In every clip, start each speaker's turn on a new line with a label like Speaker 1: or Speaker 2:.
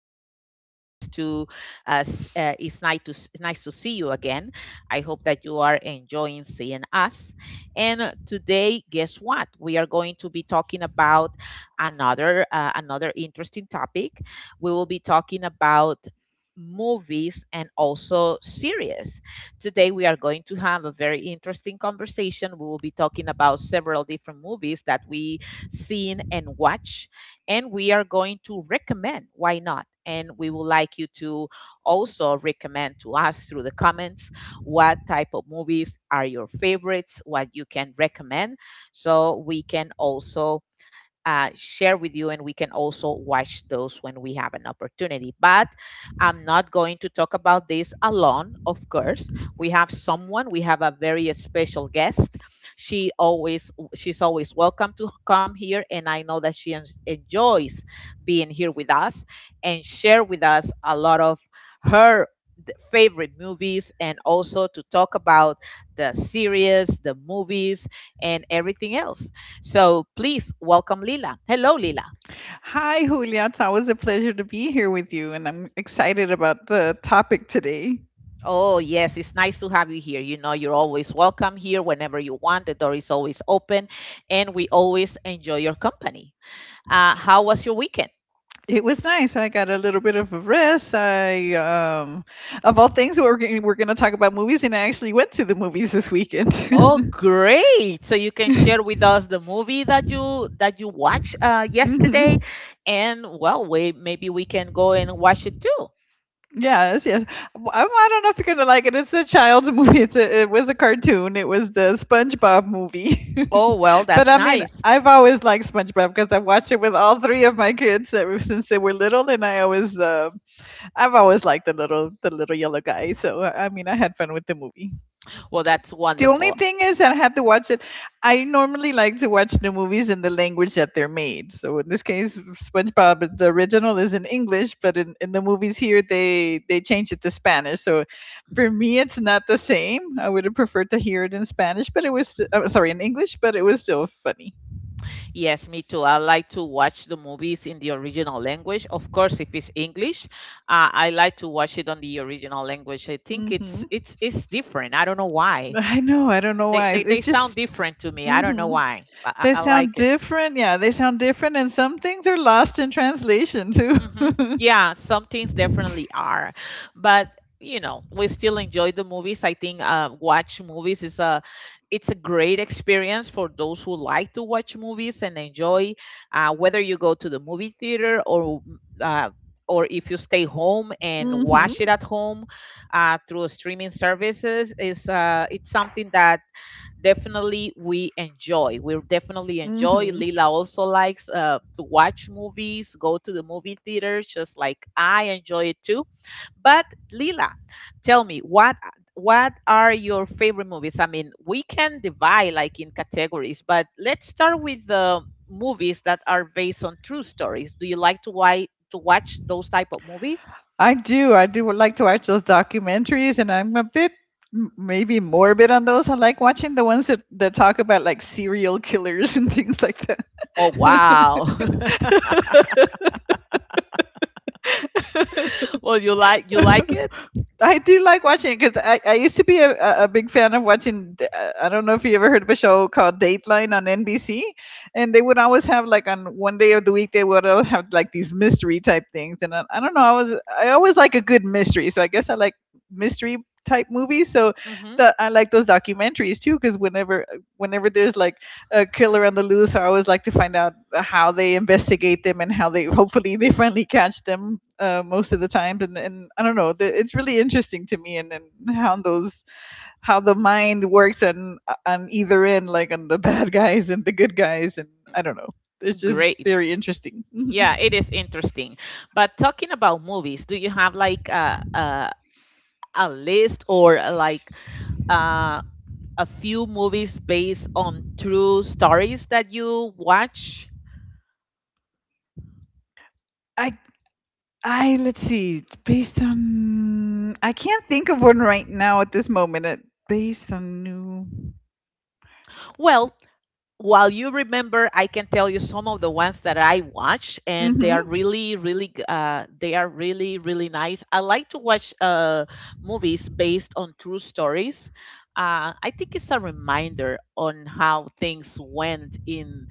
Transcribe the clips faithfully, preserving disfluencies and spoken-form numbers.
Speaker 1: here. It's nice to, uh, s- uh, it's nice to, s- nice to see you again. I hope that you are enjoying seeing us. And uh, today, guess what? We are going to be talking about another, uh, another interesting topic. We will be talking about movies and also series. Today, we are going to have a very interesting conversation. We will be talking about several different movies that we seen and watch. And we are going to recommend, why not? And we would like you to also recommend to us through the comments what type of movies are your favorites, what you can recommend, so we can also uh, share with you, and we can also watch those when we have an opportunity. But I'm not going to talk about this alone, of course. We have someone, we have a very special guest. She always she's always welcome to come here, and I know that she en- enjoys being here with us and share with us a lot of her th- favorite movies and also to talk about the series, the movies and everything else. So please welcome Lila. Hello, Lila.
Speaker 2: Hi, Julia. It's always a pleasure to be here with you, and I'm excited about the topic today.
Speaker 1: Oh, yes, it's nice to have you here. You know, you're always welcome here whenever you want. The door is always open, and we always enjoy your company. Uh, how was your weekend?
Speaker 2: It was nice. I got a little bit of a rest. I, um, of all things, we're gonna, we're going to talk about movies, and I actually went to the movies this
Speaker 1: Oh,
Speaker 2: weekend.
Speaker 1: great! So you can share with us the movie that you that you watched uh, yesterday,
Speaker 2: Hmm.
Speaker 1: and well, we maybe we can go and watch it too.
Speaker 2: Yes, yes. Well, I, I don't know if you're going to like it. It's a child's movie. It's a, it was a cartoon. It was the SpongeBob movie.
Speaker 1: Oh, well,
Speaker 2: But
Speaker 1: that's
Speaker 2: I mean,
Speaker 1: nice.
Speaker 2: I've always liked SpongeBob because I've watched it with all three of my kids ever since they were little, and I always uh, I've always liked the little the little yellow guy. So uh, I mean, I had fun with the movie.
Speaker 1: Well, that's
Speaker 2: The only
Speaker 1: wonderful.
Speaker 2: thing is I had to watch it. I normally like to watch the movies in the language that they're made. So in this case, SpongeBob the original is in English, but in, in the movies here they they change it to Spanish. So for me, it's not the same. I would have preferred to hear it in Spanish, but it was st- oh, sorry, in English, but it was still funny.
Speaker 1: Yes, me too. I like to watch the movies in the original language. Of course, if it's English, uh, I like to watch it on the original language. I think
Speaker 2: Hmm.
Speaker 1: it's it's it's different. I don't know why.
Speaker 2: I know. I don't know
Speaker 1: They
Speaker 2: why.
Speaker 1: they, they
Speaker 2: It's
Speaker 1: sound
Speaker 2: just.
Speaker 1: different to me. I don't know
Speaker 2: Mm-hmm.
Speaker 1: why, but I,
Speaker 2: They
Speaker 1: I
Speaker 2: sound
Speaker 1: like it.
Speaker 2: different. Yeah, they sound different, and some things are lost in translation too.
Speaker 1: Mm-hmm. Yeah, some things definitely are, but you know, we still enjoy the movies. I think uh, watch movies is a it's a great experience for those who like to watch movies and enjoy, uh, whether you go to the movie theater or mm, uh, or if you stay home and
Speaker 2: Hmm.
Speaker 1: watch it at home uh, through streaming services. Is uh, It's something that definitely we enjoy. We definitely enjoy.
Speaker 2: Hmm.
Speaker 1: Lila also likes uh, to watch movies, go to the movie theaters, just like I enjoy it too. But Lila, tell me what what are your favorite movies? I mean, we can divide like in categories, but let's start with the movies that are based on true stories. Do you like to why to watch those type of movies?
Speaker 2: I do. I do like to watch those documentaries, and I'm a bit m- maybe morbid on those. I like watching the ones that that talk about, like, serial killers and things like that.
Speaker 1: Oh, wow. Well, you like you like it?
Speaker 2: I do like watching it because I, I used to be a, a a big fan of watching. d- uh, I don't know if you ever heard of a show called Dateline on N B C, and they would always have, like, on one day of the week they would always have, like, these mystery type things, and I, I don't know. I was I always like a good mystery, so I guess I like mystery type movies. So
Speaker 1: Mhm.
Speaker 2: the, I like those documentaries too because whenever whenever there's like a killer on the loose, I always like to find out how they investigate them and how, they hopefully, they finally catch them, uh, most of the times, and, and I don't know, the- it's really interesting to me. And, and how those, how the mind works on on either end, like on the bad guys and the good guys, and I don't know, it's just
Speaker 1: Great.
Speaker 2: very interesting.
Speaker 1: Yeah,
Speaker 2: Mhm.
Speaker 1: it is interesting. But talking about movies, do you have like a a, a list or uh, like uh, a few movies based on true stories that you watch?
Speaker 2: i i, let's see, based on, I can't think of one right now at this moment, it, based on new.
Speaker 1: Well, while you remember, I can tell you some of the ones that I watch, and they are
Speaker 2: Mm-hmm.
Speaker 1: really, really, g- uh, they are really, really nice. I like to watch uh, movies based on true stories. Uh, I think it's a reminder on how things went in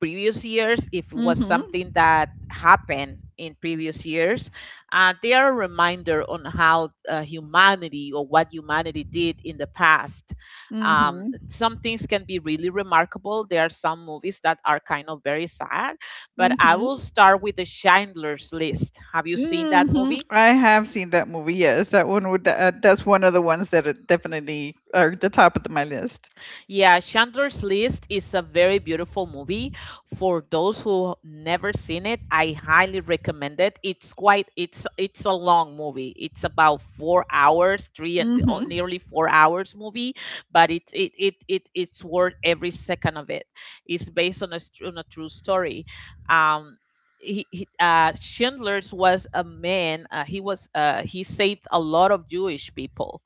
Speaker 1: previous years if it was
Speaker 2: Mm-hmm.
Speaker 1: something that happened in previous years. Uh, they are a reminder on how uh, humanity or what humanity did in the past. Um,
Speaker 2: Mm-hmm.
Speaker 1: some things can be really remarkable. There are some movies that are kind of very sad, but I will
Speaker 2: Mm-hmm.
Speaker 1: start with the Schindler's List. Have you seen that
Speaker 2: Hmm.
Speaker 1: movie?
Speaker 2: I have seen that movie. Yes, that one would. Uh, that's one of the ones that are definitely are at the top of my list.
Speaker 1: Yeah, Chandler's List is a very beautiful movie. For those who never seen it, I highly recommend it. It's quite it's it's a long movie. It's about four hours, three and oh,
Speaker 2: Hmm.
Speaker 1: nearly four hours movie, but it it it, it it's worth every second of it. It's based on a str- on a true story. Um, he, he uh Schindler's was a man. Uh, he was uh he saved a lot of Jewish people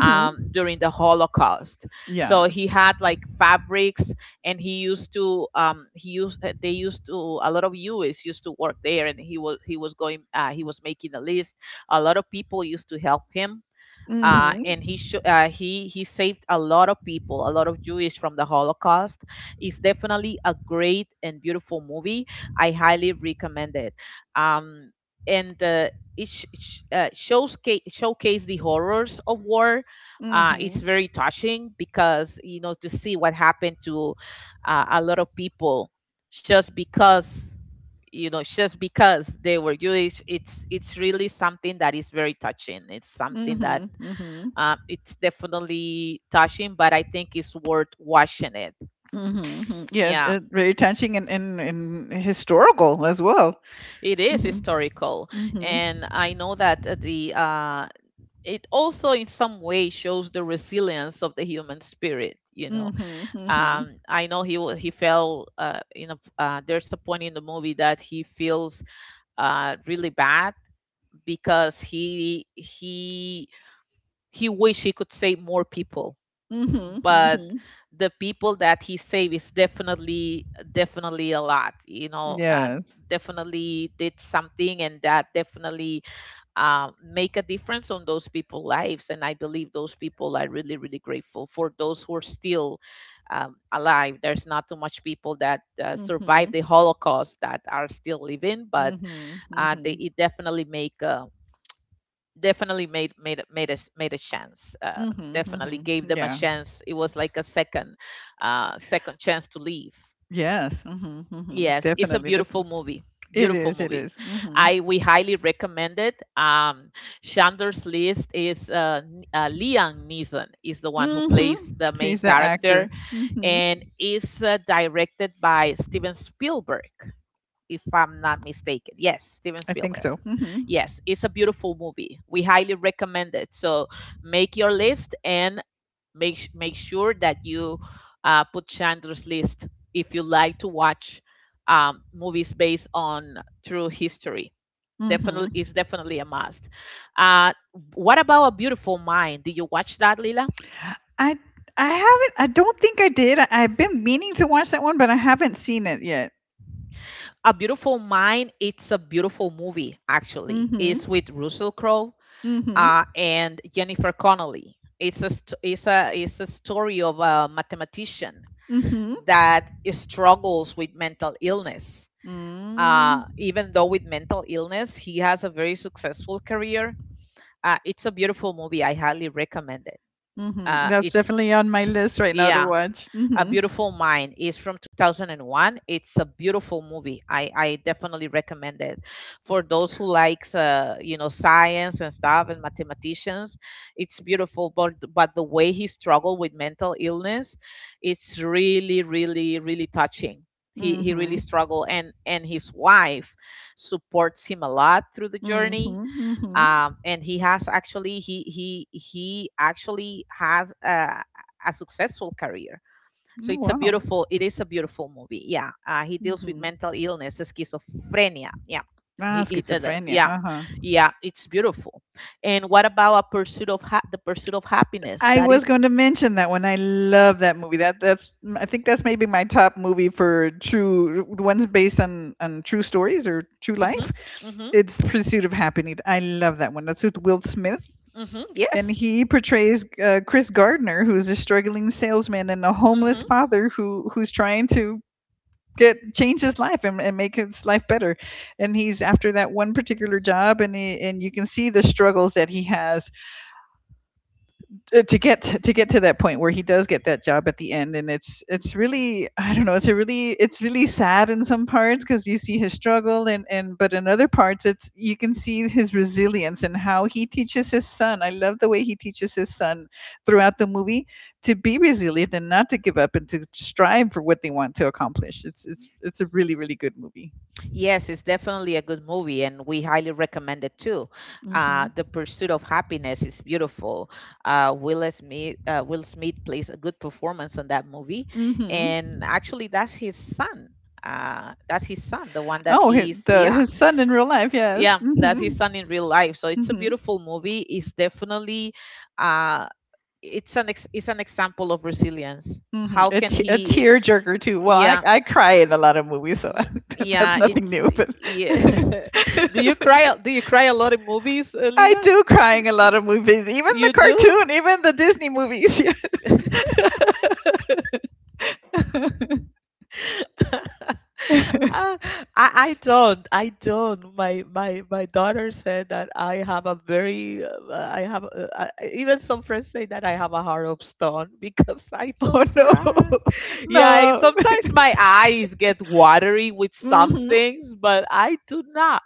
Speaker 1: um, during the Holocaust. So he
Speaker 2: Yes.
Speaker 1: had like fabrics, and he used to um, he used they used to a lot of U S used to work there, and he was he was going uh, he was making a list. A lot of people used to help him, uh, and
Speaker 2: Hmm.
Speaker 1: he sho- uh, he he saved a lot of people, a lot of Jewish from the Holocaust. It's definitely a great and beautiful movie. I highly recommend it. Um, and uh, it sh- sh- uh, shows showcase the horrors of war.
Speaker 2: Hmm.
Speaker 1: Uh, it's
Speaker 2: Hmm.
Speaker 1: very touching because you know to see what happened to uh, a lot of people just because you know just because they were Jewish. It's it's really something that is very touching. It's something that
Speaker 2: Hmm.
Speaker 1: um, it's definitely touching, but I think it's worth watching it.
Speaker 2: Hmm. Yeah,
Speaker 1: Yeah,
Speaker 2: uh, very touching and, and, and historical as well.
Speaker 1: it is
Speaker 2: Hmm.
Speaker 1: historical,
Speaker 2: Hmm.
Speaker 1: and I know that uh, the uh, it also in some way shows the resilience of the human spirit. You know,
Speaker 2: Hmm. Hmm.
Speaker 1: um, I know he wa- he fell. Uh, in a, uh, there's a point in the movie that he feels uh, really bad because he he he wish he could save more people,
Speaker 2: Hmm.
Speaker 1: but
Speaker 2: Hmm.
Speaker 1: the people that he saved is definitely definitely a lot, you know. Uh,
Speaker 2: Yes.
Speaker 1: definitely did something, and that definitely um, make a difference on those people's lives, and I believe those people are really, really grateful. For those who are still um, alive, there's not too much people that uh, survived
Speaker 2: Mm-hmm.
Speaker 1: the Holocaust that are still living, but
Speaker 2: Mm-hmm.
Speaker 1: uh, they
Speaker 2: Mm-hmm.
Speaker 1: it definitely make a, definitely made made made a s- made a chance. Uh,
Speaker 2: Mm-hmm.
Speaker 1: definitely gave
Speaker 2: Mm-hmm.
Speaker 1: them a
Speaker 2: Yeah.
Speaker 1: chance. It was like a second uh, second chance to leave.
Speaker 2: Yes. Mm-hmm. Mm-hmm.
Speaker 1: Yes, it's a
Speaker 2: Definitely. Def-
Speaker 1: beautiful movie.
Speaker 2: It
Speaker 1: Beautiful
Speaker 2: is, it
Speaker 1: movie.
Speaker 2: is. Mhm.
Speaker 1: I We highly recommend it. Um, Chandler's List is uh, N- uh, Liam Neeson is the one who plays
Speaker 2: Mhm.
Speaker 1: the main
Speaker 2: He's the
Speaker 1: character,
Speaker 2: actor. Mhm.
Speaker 1: and is uh, directed by Steven Spielberg, if I'm not mistaken. Yes, Steven
Speaker 2: I think
Speaker 1: Spielberg.
Speaker 2: so. Mhm.
Speaker 1: Yes, it's a beautiful movie. We highly recommend it. So make your list, and make sh- make sure that you uh, put Chandler's List if you like to watch um, movies based on true history. Definitely, it's
Speaker 2: Mhm.
Speaker 1: definitely a must. Uh, what about A Beautiful Mind? Did you watch that, Lila?
Speaker 2: I I haven't I don't think I did. I, I've been meaning to watch that one, but I haven't seen it yet.
Speaker 1: A Beautiful Mind. It's a beautiful movie. Actually,
Speaker 2: Mhm.
Speaker 1: it's with Russell Crowe
Speaker 2: Mhm.
Speaker 1: uh, and Jennifer Connelly. It's a, st- it's, a, it's a story of a mathematician
Speaker 2: Mhm.
Speaker 1: that struggles with mental illness.
Speaker 2: Mm.
Speaker 1: Uh, even though with mental illness, he has a very successful career. Uh, it's a beautiful movie. I highly recommend it.
Speaker 2: Mhm.
Speaker 1: Uh,
Speaker 2: That's
Speaker 1: it's,
Speaker 2: definitely on my list right now to
Speaker 1: yeah,
Speaker 2: watch.
Speaker 1: a
Speaker 2: Mhm.
Speaker 1: Beautiful Mind is from two thousand one. It's a beautiful movie. I, I definitely recommend it for those who likes uh, you know science and stuff and mathematicians. It's beautiful, but but the way he struggled with mental illness, it's really really really touching. He he really
Speaker 2: Mhm.
Speaker 1: struggled, and and his wife supports him a lot through the journey.
Speaker 2: Mhm. Mhm.
Speaker 1: Um, and He has actually he he he actually has a, a successful career, so it's a
Speaker 2: Wow.
Speaker 1: beautiful, it is a beautiful movie. Yeah. Uh, he deals with
Speaker 2: Mhm.
Speaker 1: mental illness, schizophrenia. Yeah.
Speaker 2: Ah,
Speaker 1: He, he does that.
Speaker 2: schizophrenia.
Speaker 1: Yeah.
Speaker 2: Uh-huh.
Speaker 1: Yeah. It's beautiful. And what about a pursuit of ha- the pursuit of happiness?
Speaker 2: I
Speaker 1: That
Speaker 2: was
Speaker 1: is.
Speaker 2: going to mention that one. I love that movie. That that's I think that's maybe my top movie for true the ones based on on true stories or true
Speaker 1: Mm-hmm,
Speaker 2: life.
Speaker 1: mm-hmm,
Speaker 2: It's Pursuit of Happiness. I love that one. That's with Will Smith,
Speaker 1: mm-hmm,
Speaker 2: and
Speaker 1: yes.
Speaker 2: he portrays uh, Chris Gardner, who's a struggling salesman and a homeless
Speaker 1: Mm-hmm.
Speaker 2: father who who's trying to get change his life, and, and make his life better. And he's after that one particular job, and he, and you can see the struggles that he has, uh, to get to get to that point where he does get that job at the end, and it's it's really, I don't know, it's a really it's really sad in some parts because you see his struggle and and but in other parts, it's you can see his resilience and how he teaches his son. I love the way he teaches his son throughout the movie to be resilient and not to give up and to strive for what they want to accomplish. It's it's it's a really, really good movie.
Speaker 1: Yes, it's definitely a good movie, and we highly recommend it too. Uh,
Speaker 2: Mhm.
Speaker 1: the Pursuit of Happiness is beautiful. Uh, Will Smith, uh, Will Smith plays a good performance on that movie,
Speaker 2: Mhm.
Speaker 1: and actually, that's his son. Uh, that's his son, the one that
Speaker 2: oh hi-
Speaker 1: he's
Speaker 2: the
Speaker 1: yeah,
Speaker 2: his son in real life, yes.
Speaker 1: yeah, that's his
Speaker 2: mhm
Speaker 1: son in real life. So it's a
Speaker 2: mhm.
Speaker 1: beautiful movie. It's definitely uh, it's an ex- it's an example of resilience.
Speaker 2: Mhm.
Speaker 1: How
Speaker 2: A
Speaker 1: can
Speaker 2: t- a
Speaker 1: he?
Speaker 2: tearjerker too. Well, I,
Speaker 1: Yeah.
Speaker 2: I cry in a lot of movies, so
Speaker 1: Y-
Speaker 2: that's
Speaker 1: Yeah,
Speaker 2: nothing
Speaker 1: it's
Speaker 2: new. But
Speaker 1: yeah. Do you cry? Do you cry a lot in movies, uh,
Speaker 2: I
Speaker 1: Lila?
Speaker 2: do cry in a lot
Speaker 1: Y-
Speaker 2: of movies, even the
Speaker 1: You do?
Speaker 2: cartoon, even the Disney movies. Yeah.
Speaker 1: Uh, I I don't. I don't. My my my daughter said that I have a very. Uh, I have uh, I, I- Even some friends say that I have a heart of stone because I
Speaker 2: Oh,
Speaker 1: don't
Speaker 2: no,
Speaker 1: cry. Yeah, I-
Speaker 2: no.
Speaker 1: sometimes my eyes get watery with some
Speaker 2: Hmm.
Speaker 1: things, but I do not.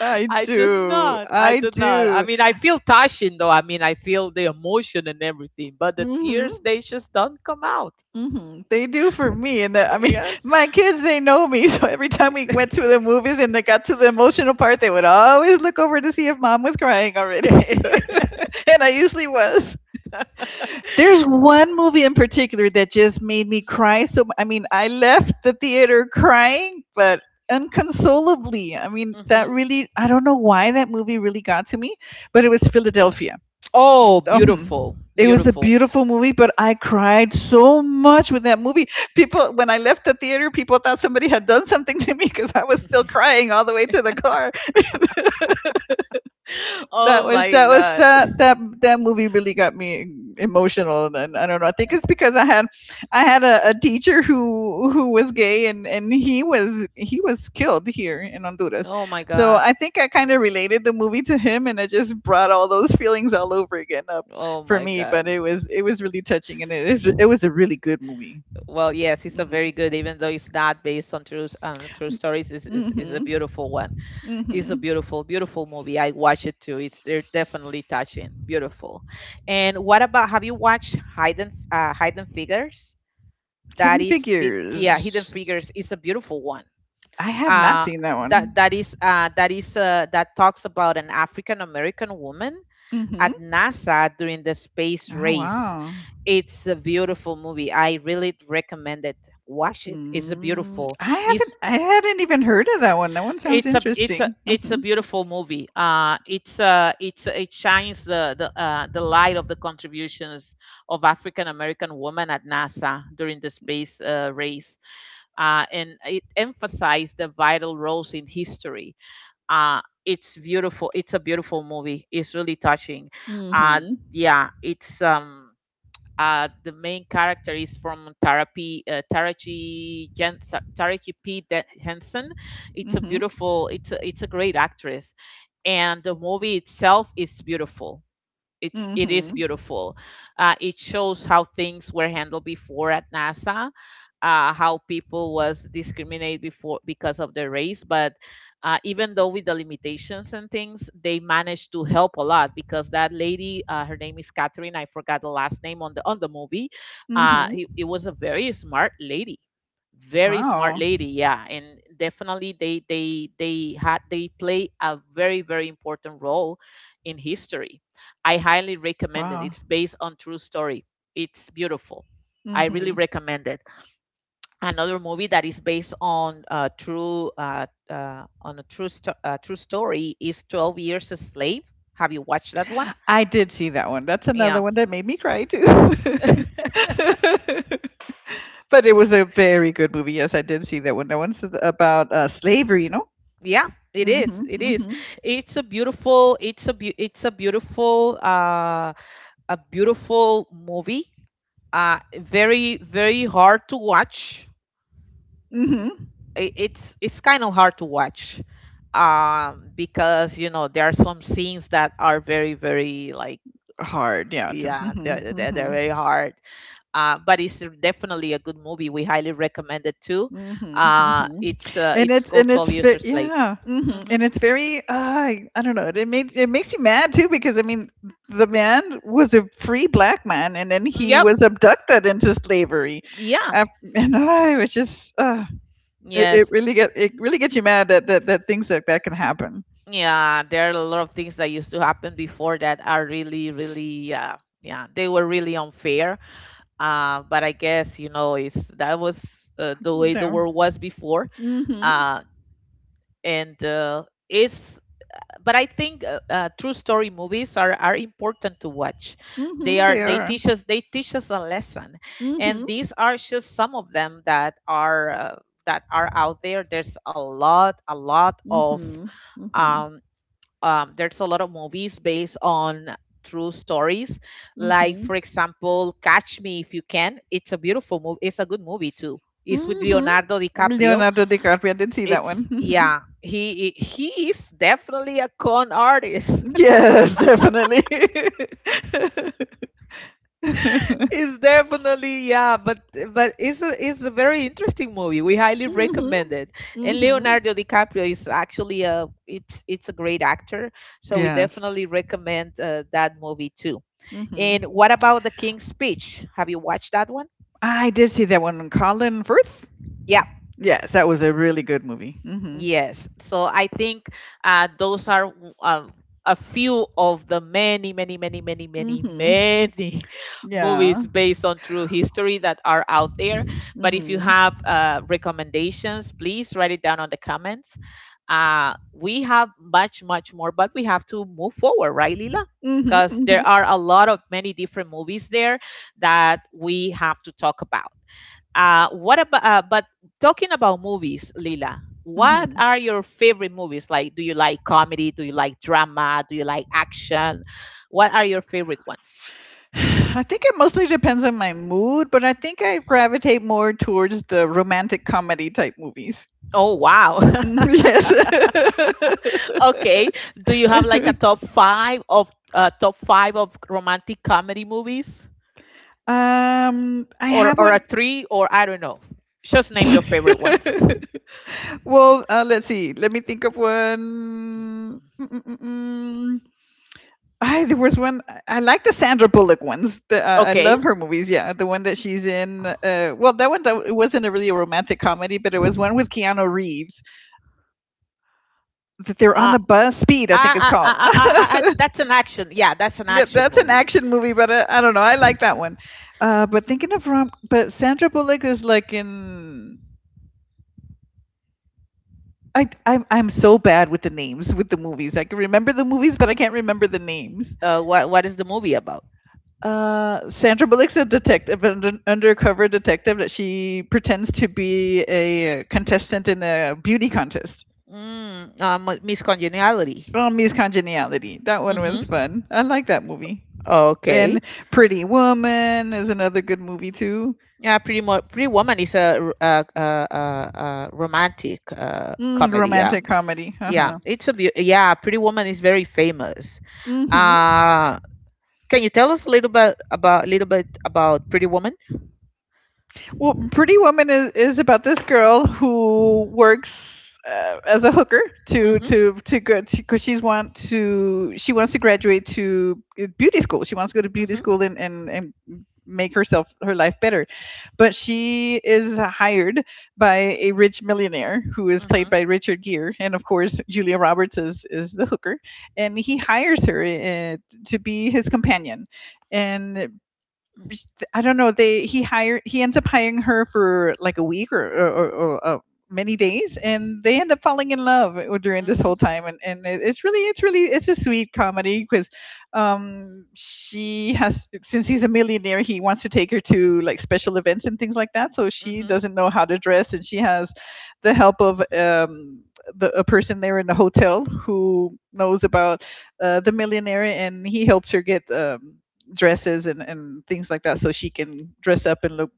Speaker 2: I
Speaker 1: I do
Speaker 2: do,
Speaker 1: not. I
Speaker 2: I
Speaker 1: do not. I
Speaker 2: do.
Speaker 1: mean, I feel touching though. I mean, I feel the emotion and everything, but the tears
Speaker 2: Mm-hmm.
Speaker 1: they just don't come out.
Speaker 2: Hmm. They do for me, and the, I mean,
Speaker 1: Yeah.
Speaker 2: my kids, they know me. So every time we went to the movies and they got to the emotional part, they would always look over to see if mom was crying already, So- and I usually was. There's one movie in particular that just made me cry. So I mean, I left the theater crying, but inconsolably. I mean,
Speaker 1: Hmm.
Speaker 2: that really I don't know why that movie really got to me, but it was Philadelphia.
Speaker 1: Oh,
Speaker 2: um
Speaker 1: beautiful,
Speaker 2: it was a
Speaker 1: beautiful.
Speaker 2: beautiful movie, but I cried so much with that movie. People, when I left the theater, people thought somebody had done something to me because I was still crying all the way to the car. that
Speaker 1: Oh
Speaker 2: was
Speaker 1: my
Speaker 2: that was
Speaker 1: god.
Speaker 2: that that that movie really got me emotional, and I don't know, I think it's because i had i had a, a teacher who who was gay, and and he was he was killed here in Honduras.
Speaker 1: Oh my
Speaker 2: So
Speaker 1: god.
Speaker 2: I think I kind of related the movie to him, and it just brought all those feelings all over again up
Speaker 1: Oh
Speaker 2: for
Speaker 1: my
Speaker 2: me,
Speaker 1: god.
Speaker 2: but it was it was really touching, and it is it was a really good movie.
Speaker 1: Well, yes, it's a
Speaker 2: Hmm.
Speaker 1: very good, even though it's not based on true s- um, true stories. Is is is a
Speaker 2: Hmm.
Speaker 1: beautiful one. It's a
Speaker 2: Hmm.
Speaker 1: beautiful, beautiful movie. I watched it too. It's they're definitely touching. Beautiful. And what about have you watched Hidden uh, Hidden Figures? That
Speaker 2: Hidden
Speaker 1: is the yeah Hidden
Speaker 2: Figures.
Speaker 1: Figures is a beautiful one.
Speaker 2: I have not
Speaker 1: Uh,
Speaker 2: seen that one.
Speaker 1: that that is uh, that is uh, that talks about an African American woman
Speaker 2: Hmm.
Speaker 1: at NASA during the space
Speaker 2: Oh,
Speaker 1: race.
Speaker 2: wow.
Speaker 1: It's a beautiful movie. I really recommend it. Watch it. It's a
Speaker 2: Mm,
Speaker 1: beautiful.
Speaker 2: I haven't
Speaker 1: It's
Speaker 2: I hadn't even heard of that one. That one sounds
Speaker 1: it's a it's a
Speaker 2: interesting.
Speaker 1: it's a
Speaker 2: Mm.
Speaker 1: beautiful movie, uh it's uh it's it shines the the uh, the light of the contributions of African American women at NASA during the space uh, race. Uh and it emphasized the vital roles in history. Uh it's beautiful, it's a beautiful movie, it's really touching. uh
Speaker 2: Mhm.
Speaker 1: yeah, it's um uh, the main character is from Tarapi, uh, Taraji, Jen, Taraji P. De- Henson.
Speaker 2: Mm.
Speaker 1: It's a
Speaker 2: Mhm.
Speaker 1: beautiful, it's a, it's a great actress. And the movie itself is beautiful, it's
Speaker 2: Mm.
Speaker 1: it is
Speaker 2: Mhm.
Speaker 1: beautiful. Uh, it shows how things were handled before at NASA, uh, how people was discriminated before because of their race. But uh, even though with the limitations and things, they managed to help a lot because that lady, uh, her name is Catherine. I forgot the last name on the on the movie.
Speaker 2: Mhm.
Speaker 1: Uh,
Speaker 2: Mhm.
Speaker 1: it, it, was a very smart lady, very smart
Speaker 2: Wow.
Speaker 1: lady yeah. And definitely they they they had, they play a very, very important role in history. I highly recommend it.
Speaker 2: Wow.
Speaker 1: It's based on true story. It's beautiful. I
Speaker 2: Mm.
Speaker 1: really
Speaker 2: Mhm.
Speaker 1: recommend it. Another movie that is based on a true uh, uh, on a true sto- uh, true story is twelve years a slave. Have you watched that one?
Speaker 2: I did see that one. That's another
Speaker 1: Yeah.
Speaker 2: one that made me cry too. But it was a very good movie. Yes, I did see that one. That one's about uh slavery. No.
Speaker 1: Yeah, it
Speaker 2: Mm. Mhm.
Speaker 1: is, it is.
Speaker 2: Mhm.
Speaker 1: It's a beautiful, it's a beau- it's a beautiful uh a beautiful movie. Uh, very, very hard to watch.
Speaker 2: Mhm.
Speaker 1: I- It's it's kind of hard to watch, um because you know there are some scenes that are very, very, like,
Speaker 2: Hard, yeah, too.
Speaker 1: yeah, they're they're, they're
Speaker 2: Mhm.
Speaker 1: very hard. Uh but it's definitely a good movie, we highly recommend it too.
Speaker 2: Mhm,
Speaker 1: Uh
Speaker 2: mhm.
Speaker 1: it's uh,
Speaker 2: And
Speaker 1: it's
Speaker 2: it's,
Speaker 1: called
Speaker 2: and
Speaker 1: twelve
Speaker 2: it's
Speaker 1: years
Speaker 2: ve
Speaker 1: a slave.
Speaker 2: yeah. Mhm.
Speaker 1: Hmm.
Speaker 2: And it's very, uh, I I don't know. It made it makes you mad too because I mean, the man was a free black man, and then he
Speaker 1: Yep.
Speaker 2: was abducted into slavery.
Speaker 1: Yeah.
Speaker 2: Af- and I was just, uh, it, it
Speaker 1: Yes.
Speaker 2: really get it really gets you mad that that, that things like that can happen.
Speaker 1: Yeah, there are a lot of things that used to happen before that are really, really, uh, yeah, they were really unfair. Uh, but I guess, you know, it's that was uh, the way the
Speaker 2: No.
Speaker 1: world was before.
Speaker 2: Mhm.
Speaker 1: Uh, and uh, it's, but I think uh, uh, true story movies are, are important to watch. They
Speaker 2: Mhm.
Speaker 1: are,
Speaker 2: They
Speaker 1: they
Speaker 2: are.
Speaker 1: teach us, they teach us a lesson. And
Speaker 2: Mm.
Speaker 1: these are just some of them that are, uh, that are out there. There's a lot, a lot of,
Speaker 2: Mhm. Mm. Mhm.
Speaker 1: um, um, there's a lot of movies based on true stories.
Speaker 2: Mm. Mhm. Mm.
Speaker 1: Like for
Speaker 2: Mhm.
Speaker 1: example, Catch Me If You Can. It's a beautiful movie, it's a good movie too. It's with
Speaker 2: Mm. Mhm.
Speaker 1: Leonardo DiCaprio.
Speaker 2: Leonardo DiCaprio. I did see that
Speaker 1: It's
Speaker 2: one.
Speaker 1: Yeah, he he is definitely a con artist.
Speaker 2: Yes, definitely.
Speaker 1: It's definitely, yeah. But but it's a, it's a very interesting movie, we highly
Speaker 2: Mhm.
Speaker 1: recommend it. And
Speaker 2: Mhm.
Speaker 1: Leonardo DiCaprio is actually a, it's it's a great actor, so we
Speaker 2: Yes.
Speaker 1: definitely recommend uh, that movie too. And
Speaker 2: Mhm.
Speaker 1: what about The King's Speech? Have you watched that one?
Speaker 2: I did see that one. Colin Firth.
Speaker 1: Yeah,
Speaker 2: Yes, that was a really good movie. Mhm.
Speaker 1: yes. So I think uh, those are w- uh, a few of the many, many, many, many, many,
Speaker 2: Mhm.
Speaker 1: many
Speaker 2: Yeah.
Speaker 1: movies based on true history that are out there. But if you
Speaker 2: Mhm.
Speaker 1: have uh, recommendations, please write it down on the comments. Uh, we have much, much more, but we have to move forward, right, Lila?
Speaker 2: Mhm.
Speaker 1: Because there
Speaker 2: Mhm.
Speaker 1: are a lot of many different movies there that we have to talk about. Uh, what about? Uh, but Talking about movies, Lila, what
Speaker 2: Mhm.
Speaker 1: are your favorite movies? Like, do you like comedy? Do you like drama? Do you like action? What are your favorite ones?
Speaker 2: I think it mostly depends on my mood, but I think I gravitate more towards the romantic comedy type movies.
Speaker 1: Oh wow.
Speaker 2: Mm, Yes.
Speaker 1: Okay. Do you have like a top five of uh, top five of romantic comedy movies,
Speaker 2: um, I
Speaker 1: or
Speaker 2: have
Speaker 1: or a
Speaker 2: one.
Speaker 1: three, or I don't know. Just name your favorite ones.
Speaker 2: Well, uh, let's see. Let me think of one. Mm-mm-mm-mm. I, there was one. I I like the Sandra Bullock ones. The, uh, I
Speaker 1: Okay.
Speaker 2: love her movies. Yeah, the one that she's in. Uh, well, that one that, it wasn't a really a romantic comedy, but it was one with Keanu Reeves that they're on
Speaker 1: Uh,
Speaker 2: a bus. Speed, I think it's
Speaker 1: I, I, I,
Speaker 2: called.
Speaker 1: I, I, I- that's an action. Yeah, that's an
Speaker 2: Yeah,
Speaker 1: action
Speaker 2: that's an
Speaker 1: movie.
Speaker 2: action movie, but uh, I don't know. I like that one. Uh, but thinking of rom, but Sandra Bullock is like in I I'm I'm so bad with the names with the movies. I can remember the movies, but I can't remember the names.
Speaker 1: Uh, what what is the movie about?
Speaker 2: Uh, Sandra Bullock's a detective, an un- undercover detective that she pretends to be a contestant in a beauty contest.
Speaker 1: Mm, uh, Mu- Miss Congeniality.
Speaker 2: Oh, Miss Congeniality. That one was
Speaker 1: Mm-hmm.
Speaker 2: fun. I like that movie.
Speaker 1: Okay.
Speaker 2: And Pretty Woman is another good movie too.
Speaker 1: Yeah, Pretty Mo- Pretty Woman is a, r- a, a, a, a romantic uh,
Speaker 2: Mm,
Speaker 1: comedy. Yeah,
Speaker 2: romantic comedy. Uh
Speaker 1: yeah.
Speaker 2: huh.
Speaker 1: It's a beau- yeah. Pretty Woman is very famous.
Speaker 2: Hmm.
Speaker 1: Uh, can you tell us a little bit about little bit about Pretty Woman?
Speaker 2: Well, Pretty Woman is, is about this girl who works, uh, as a hooker to
Speaker 1: Mm-hmm.
Speaker 2: to to go because she's want to she wants to graduate to beauty school. She wants to go to beauty
Speaker 1: Mm-hmm.
Speaker 2: school and and, and make herself her life better. But she is hired by a rich millionaire who is played
Speaker 1: Mm-hmm.
Speaker 2: by Richard Gere, and of course Julia Roberts is is the hooker, and he hires her, uh, to be his companion. And I don't know. They he hired he ends up hiring her for like a week or or, or, or uh, many days, and they end up falling in love during this
Speaker 1: Mm-hmm.
Speaker 2: whole time. And and it- it's really it's really it's a sweet comedy because um she has since he's a millionaire, he wants to take her to like special events and things like that. So she doesn't know how to dress, and she has the help of um. The, a person there in the hotel who knows about uh, the millionaire, and he helps her get um, dresses and, and things like that so she can dress up and look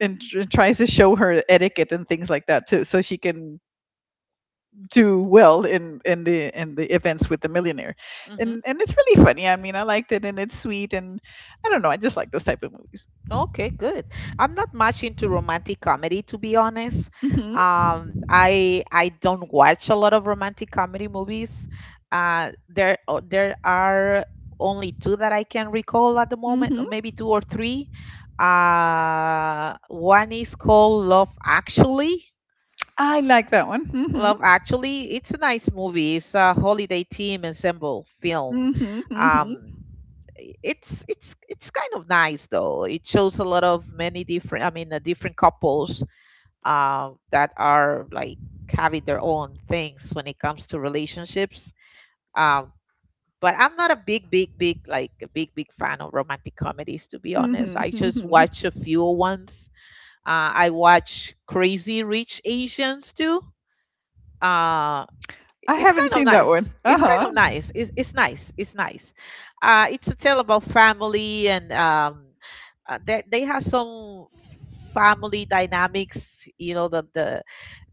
Speaker 2: and tr- tries to show her etiquette and things like that too so she can do well in in the in the events with the millionaire.
Speaker 1: Mm-hmm.
Speaker 2: And and it's really funny. I mean i liked it, and it's sweet, and i don't know, i just like those type of movies.
Speaker 1: Okay, good. I'm not much into romantic comedy, to be honest.
Speaker 2: Mhm.
Speaker 1: Um, I I don't watch a lot of romantic comedy movies. Uh, there o- there are only two that I can recall at the moment, or
Speaker 2: Mhm.
Speaker 1: maybe two or three. Uh, one is called Love Actually.
Speaker 2: I like that one. Mhm.
Speaker 1: Love Actually, it's a nice movie. It's a holiday theme ensemble film.
Speaker 2: Mhm. Mhm.
Speaker 1: Um, it's it's it's kind of nice though. It shows a lot of many different, I mean, uh, different couples uh, that are like having their own things when it comes to relationships. Um, but I'm not a big, big, big, like a big, big fan of romantic comedies, to be honest.
Speaker 2: Mhm.
Speaker 1: I just
Speaker 2: Mhm.
Speaker 1: watch a few ones. Uh, I watch Crazy Rich Asians too. Uh,
Speaker 2: I
Speaker 1: it's
Speaker 2: haven't
Speaker 1: kind of
Speaker 2: seen that one.
Speaker 1: nice. It's kind
Speaker 2: Uh-huh.
Speaker 1: of nice. It's, it's nice. It's nice. Uh, it's a tale about family and um, uh, they they have some family dynamics. You know the the,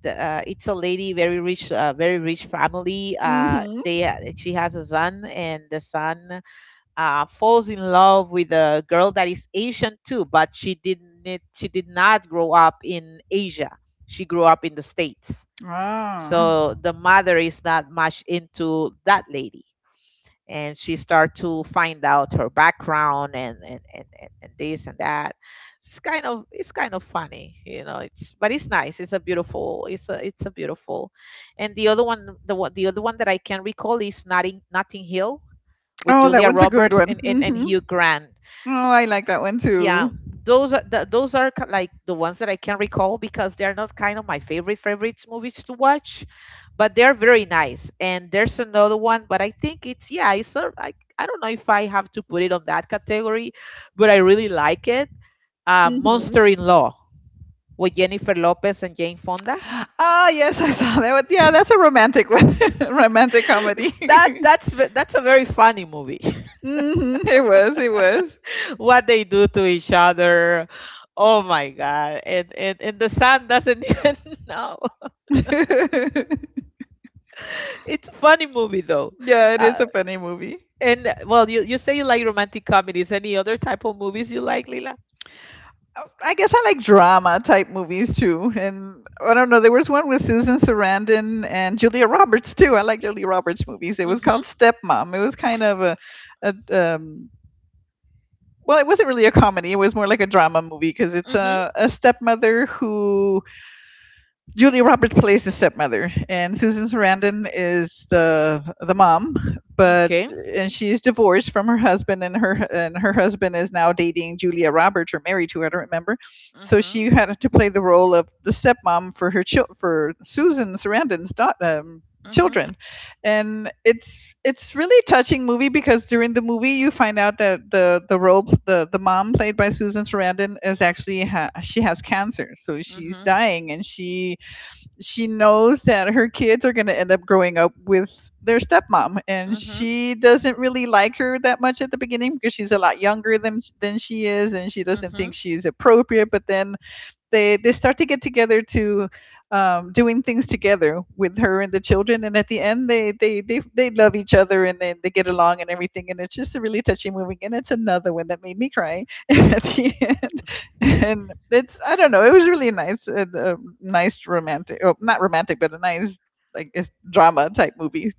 Speaker 1: the uh, it's a lady, very rich, uh, very rich family. Uh,
Speaker 2: Mhm.
Speaker 1: they ha- she has a son and the son uh, falls in love with a girl that is Asian too, but she didn't she did not grow up in Asia. She grew up in the States,
Speaker 2: Ah.
Speaker 1: so the mother is not much into that lady. And she start to find out her background and, and, and, and, and this and that. It's kind of, it's kind of funny, you know. It's but it's nice. It's a beautiful. It's a it's a beautiful. And the other one, the one the other one that I can recall is Notting Notting Hill with
Speaker 2: Oh, that
Speaker 1: Julia
Speaker 2: one's a good
Speaker 1: Roberts
Speaker 2: one.
Speaker 1: and and, and
Speaker 2: Hmm.
Speaker 1: Hugh Grant.
Speaker 2: Oh, I like that one
Speaker 1: Yeah,
Speaker 2: too.
Speaker 1: those are the, those are ki- like the ones that I can recall because they're not kind of my favorite favorites movies to watch, but they're very nice. And there's another one, but I think it's, yeah, it's sort I, I don't know if I have to put it on that category, but I really like it. Uh, monster
Speaker 2: Mhm.
Speaker 1: in law with Jennifer Lopez and Jane Fonda.
Speaker 2: Ah, yes, I saw that. But yeah, that's a romantic one, romantic
Speaker 1: That
Speaker 2: comedy.
Speaker 1: that's ve- that's a very funny movie.
Speaker 2: Hmm. It was, it was.
Speaker 1: What they do to each other, oh my god, and and, and the son doesn't even know. It's a funny movie though.
Speaker 2: Yeah, it is
Speaker 1: Uh,
Speaker 2: a funny movie.
Speaker 1: and uh, well, you you say you like romantic comedies. Any other type of movies you like, Lila?
Speaker 2: Uh, I guess I like drama type movies too, and I don't know. There was one with Susan Sarandon and Julia Roberts too. I like Julia Roberts movies. It was called
Speaker 1: Mhm.
Speaker 2: Stepmom. It was kind of a, a um, well, it wasn't really a comedy. It was more like a drama movie because it's
Speaker 1: Mhm.
Speaker 2: a, a stepmother who Julia Roberts plays the stepmother, and Susan Sarandon is the the mom. But
Speaker 1: Okay.
Speaker 2: and she's divorced from her husband, and her and her husband is now dating Julia Roberts or married to her. I don't remember. So
Speaker 1: Mhm.
Speaker 2: she had to play the role of the stepmom for her chil- for Susan Sarandon's daughter. Um,
Speaker 1: Mhm.
Speaker 2: children. And it's it's really touching movie because during the movie you find out that the the role the the mom played by Susan Sarandon is actually ha- she has cancer, so she's
Speaker 1: Mhm.
Speaker 2: dying, and she she knows that her kids are going to end up growing up with their stepmom, and
Speaker 1: Mhm.
Speaker 2: she doesn't really like her that much at the beginning because she's a lot younger than than she is, and she doesn't think
Speaker 1: Mhm.
Speaker 2: she's appropriate. But then they they start to get together to um, doing things together with her and the children, and at the end they they they, they love each other, and then they get along and everything. And it's just a really touching movie, and it's another one that made me cry at the end. And it's i don't know, it was really nice, a, a nice romantic, oh, not romantic, but a nice, I guess, drama type movie.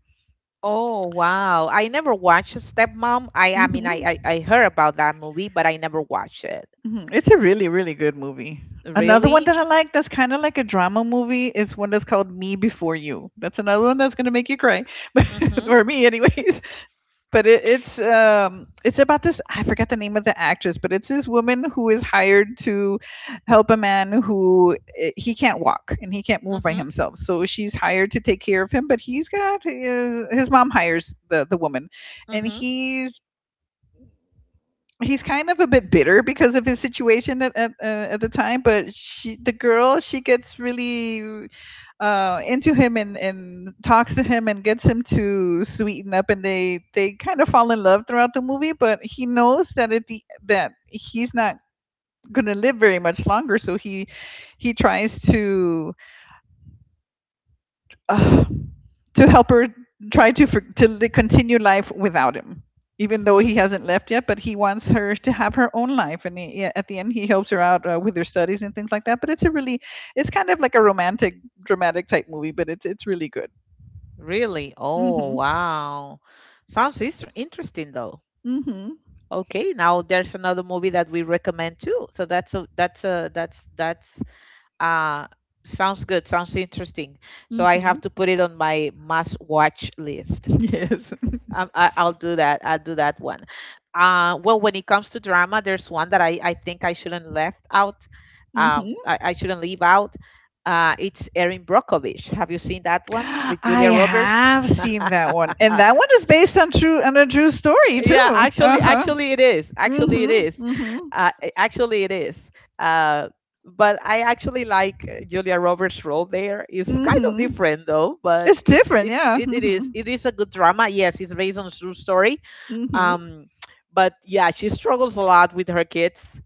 Speaker 1: Oh wow! I never watched Stepmom. I I mean I,
Speaker 2: Hmm.
Speaker 1: I I heard about that movie, but I never watched it.
Speaker 2: Mhm. It's a really, really good movie. Another one that I
Speaker 1: Really?
Speaker 2: like that's kind of like a drama movie is one that's called Me Before You. That's another one that's gonna make you cry, but-
Speaker 1: Mhm.
Speaker 2: or me, anyways. But it, it's um it's about this, I forgot the name of the actress, but it's this woman who is hired to help a man who eh, he can't walk and he can't move by
Speaker 1: Mhm.
Speaker 2: himself. So she's hired to take care of him, but he's got his, his mom hires the the woman, and
Speaker 1: Mhm.
Speaker 2: he's he's kind of a bit bitter because of his situation at at, uh, at the time, but she the girl, she gets really uh into him, and and talks to him and gets him to sweeten up, and they they kind of fall in love throughout the movie, but he knows that at the that he's not going to live very much longer, so he he tries to uh, to help her, try to for, to li- continue life without him, even though
Speaker 1: Mhm.
Speaker 2: he hasn't left yet, but he wants her to have her own life. And he, yeah, at the end he helps her out uh, with her studies and things like that. But it's a really it's kind of like a romantic dramatic type movie, but it's it's really good.
Speaker 1: Really? Oh
Speaker 2: Mhm.
Speaker 1: wow! Sounds is- interesting though.
Speaker 2: Mhm.
Speaker 1: Okay, now there's another movie that we recommend too. So that's a, that's a that's that's uh sounds good, sounds interesting. So I have
Speaker 2: Mhm.
Speaker 1: to put it on my must watch list.
Speaker 2: Yes.
Speaker 1: Um, I, I'll do that. I'll do that one. Uh, well, when it comes to drama, there's one that I I think I shouldn't left out. Um,
Speaker 2: Mhm.
Speaker 1: I, I shouldn't leave out. Uh, it's Erin Brockovich. Have you seen that one with
Speaker 2: I
Speaker 1: Julia Roberts?
Speaker 2: have seen that one, and that one is based on true on a true story
Speaker 1: Yeah,
Speaker 2: too.
Speaker 1: actually
Speaker 2: Uh-huh.
Speaker 1: actually it is, actually it
Speaker 2: Mhm.
Speaker 1: is
Speaker 2: Mhm.
Speaker 1: uh, a- actually it is. Uh, but I actually like uh, Julia Roberts' role there. It's kind of
Speaker 2: Mhm.
Speaker 1: different though, but
Speaker 2: It's
Speaker 1: it's
Speaker 2: different.
Speaker 1: it's
Speaker 2: Yeah.
Speaker 1: it, it is,
Speaker 2: Mhm.
Speaker 1: it is a good drama. Yes, it's based on a true story.
Speaker 2: Mhm.
Speaker 1: um but yeah, she struggles a lot with her kids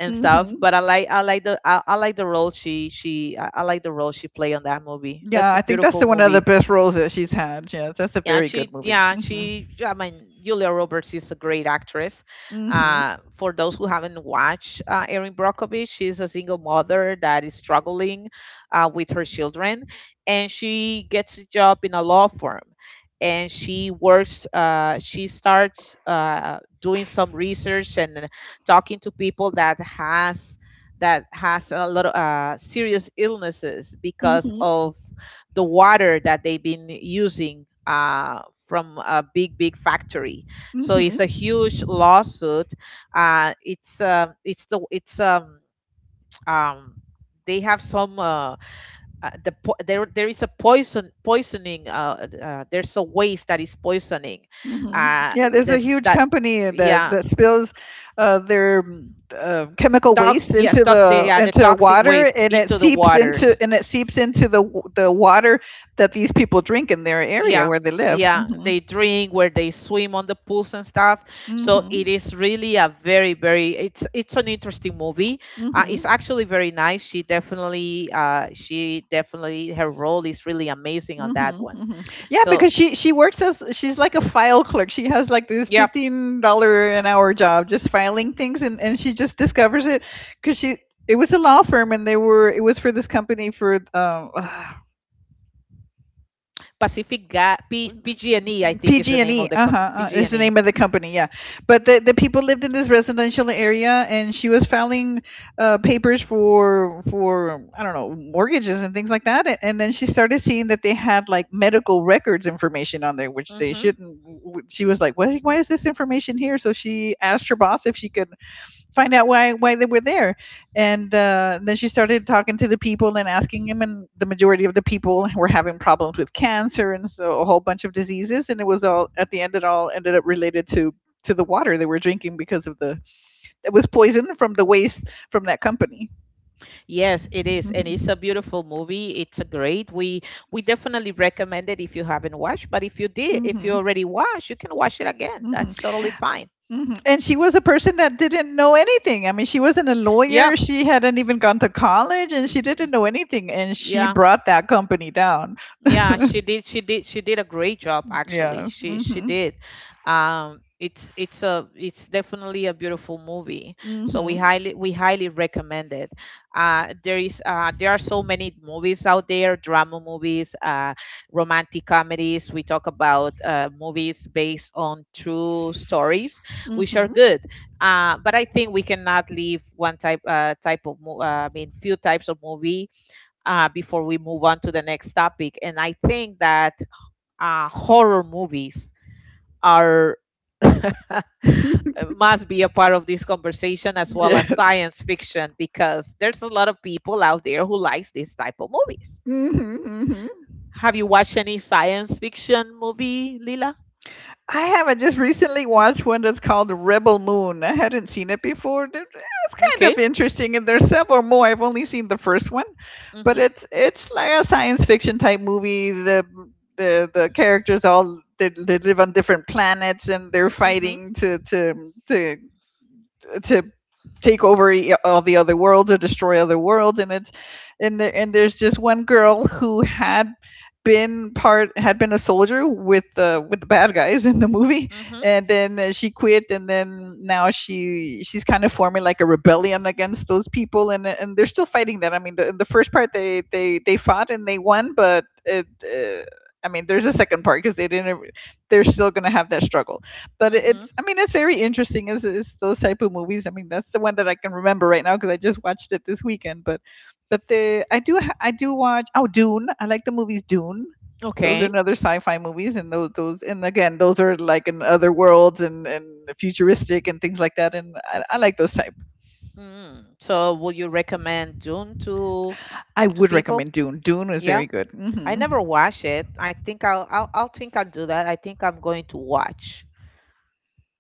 Speaker 1: and stuff.
Speaker 2: Mhm.
Speaker 1: But I like, i like the i, I like the role she she I, I like the role she played on that movie.
Speaker 2: Yeah,
Speaker 1: That's a
Speaker 2: I think that's
Speaker 1: beautiful
Speaker 2: the one of the
Speaker 1: movie.
Speaker 2: best roles that she's had. Yeah, that's a
Speaker 1: Yeah,
Speaker 2: very good
Speaker 1: she,
Speaker 2: movie.
Speaker 1: yeah,
Speaker 2: Mhm.
Speaker 1: she, I mean, Julia Roberts is a great actress.
Speaker 2: Mhm.
Speaker 1: Uh, for those who haven't watched uh, Erin Brockovich, she's a single mother that is struggling uh, with her children, and she gets a job in a law firm. And she works, uh, she starts uh, doing some research and talking to people that has, that has a lot of uh, serious illnesses because
Speaker 2: Mhm.
Speaker 1: of the water that they've been using uh, from a big, big factory. So
Speaker 2: Mhm.
Speaker 1: it's a huge lawsuit. Uh, it's uh, it's the it's um, um, they have some uh, uh, the po- there there is a poison poisoning, uh, uh, there's a waste that is poisoning,
Speaker 2: Mhm.
Speaker 1: uh,
Speaker 2: Yeah, there's a
Speaker 1: this
Speaker 2: huge
Speaker 1: that
Speaker 2: company that
Speaker 1: yeah,
Speaker 2: that spills uh, their mm, uh, chemical
Speaker 1: tox
Speaker 2: waste
Speaker 1: yeah
Speaker 2: into
Speaker 1: tox the,
Speaker 2: the
Speaker 1: yeah, the
Speaker 2: into
Speaker 1: toxic
Speaker 2: water,
Speaker 1: waste
Speaker 2: and it
Speaker 1: into the
Speaker 2: seeps into
Speaker 1: waters.
Speaker 2: and it seeps into the w- the water that these people drink in their area
Speaker 1: Yeah,
Speaker 2: where they live.
Speaker 1: yeah,
Speaker 2: Mhm.
Speaker 1: they drink, where they swim on the pools and stuff. So it
Speaker 2: Mhm.
Speaker 1: is really a very, very, it's it's an interesting movie. Uh, it's
Speaker 2: Mhm.
Speaker 1: actually very nice. She definitely, uh she definitely, her role is really amazing on that
Speaker 2: Mhm,
Speaker 1: one.
Speaker 2: mhm. Yeah,
Speaker 1: So
Speaker 2: because she she works as she's like a file clerk. She has like this
Speaker 1: yeah,
Speaker 2: fifteen dollar an hour job, just filing things, and and she just discovers it because she it was a law firm, and they were it was for this company for um
Speaker 1: pacific Ga- P- PG&E, I think is the name of
Speaker 2: P G and E,
Speaker 1: the
Speaker 2: uh-huh,
Speaker 1: company,
Speaker 2: uh, is the
Speaker 1: PG&E.
Speaker 2: name of the company, yeah. But the, the people lived in this residential area, and she was filing uh, papers for for I don't know, mortgages and things like that. And then she started seeing that they had like medical records information on there, which they
Speaker 1: Hmm.
Speaker 2: shouldn't. w- She was like, "Why, why is this information here?" So she asked her boss if she could find out why why they were there, and uh, then she started talking to the people and asking them, and the majority of the people were having problems with cancer and so a whole bunch of diseases, and it was all at the end it all ended up related to to the water they were drinking because of the it was poison from the waste from that company.
Speaker 1: Yes, it is, and it's a
Speaker 2: Mhm.
Speaker 1: beautiful movie. It's a great. We we definitely recommend it if you haven't watched, but if you did, if you
Speaker 2: Mhm.
Speaker 1: already watched, you can watch it again.
Speaker 2: Mhm.
Speaker 1: That's totally fine.
Speaker 2: Mhm. And she was a person that didn't know anything. I mean, she wasn't a
Speaker 1: Yeah,
Speaker 2: lawyer. She hadn't even gone to college and she didn't know anything. And she
Speaker 1: yeah.
Speaker 2: brought that company down.
Speaker 1: Yeah, she did. She did. She did a great job, actually.
Speaker 2: Yeah.
Speaker 1: She she
Speaker 2: Mm-hmm.
Speaker 1: did. Um, it's it's a it's definitely a beautiful movie. So we
Speaker 2: Mm-hmm.
Speaker 1: highly we highly recommend it. Uh, there is uh, there are so many movies out there, drama movies, uh, romantic comedies. We talk about uh, movies based on true stories, which are
Speaker 2: Mm-hmm.
Speaker 1: good. Uh, but I think we cannot leave one type uh, type of mo- uh, I mean few types of movie uh, before we move on to the next topic. And I think that uh, horror movies are must be a part of this conversation, as well as
Speaker 2: Yes.
Speaker 1: science fiction, because there's a lot of people out there who likes this type of movies.
Speaker 2: Mm-hmm. Mm-hmm.
Speaker 1: Have you watched any science fiction movie, Lila?
Speaker 2: I haven't just recently watched one that's called Rebel Moon. I hadn't seen it before. Th- It's kind
Speaker 1: Okay.
Speaker 2: of interesting, and there's several more. I've only seen the first one, but
Speaker 1: Mhm.
Speaker 2: it's it's like a science fiction type movie. The the the characters, all they, they live on different planets, and they're
Speaker 1: Mhm.
Speaker 2: fighting to to to to take over e- all the other worlds or destroy other worlds. And it's and there and there's just one girl who had been part had been a soldier with the with the bad guys in the movie,
Speaker 1: Mhm.
Speaker 2: and then uh, she quit, and then now she she's kind of forming like a rebellion against those people, and and they're still fighting that. I mean the, the first part, they they they fought and they won, but it uh, I mean there's a second part because they didn't, they're still going to have that struggle. but
Speaker 1: Mhm.
Speaker 2: it's i mean it's very interesting, is is those type of movies. I mean, that's the one that I can remember right now because I just watched it this weekend. but but the i do i do watch, oh, Dune. I like the movies Dune. Those are
Speaker 1: Okay.
Speaker 2: another sci-fi movies, and those those and again those are like in other worlds, and and futuristic and things like that, and i, I like those type.
Speaker 1: Mm. So, would you recommend Dune to
Speaker 2: I
Speaker 1: to
Speaker 2: would
Speaker 1: people?
Speaker 2: recommend Dune. Dune was
Speaker 1: Yeah.
Speaker 2: very good.
Speaker 1: I
Speaker 2: Mm-hmm.
Speaker 1: never watch it. I think I'll I'll, I'll think I'll do that. I think I'm going to watch.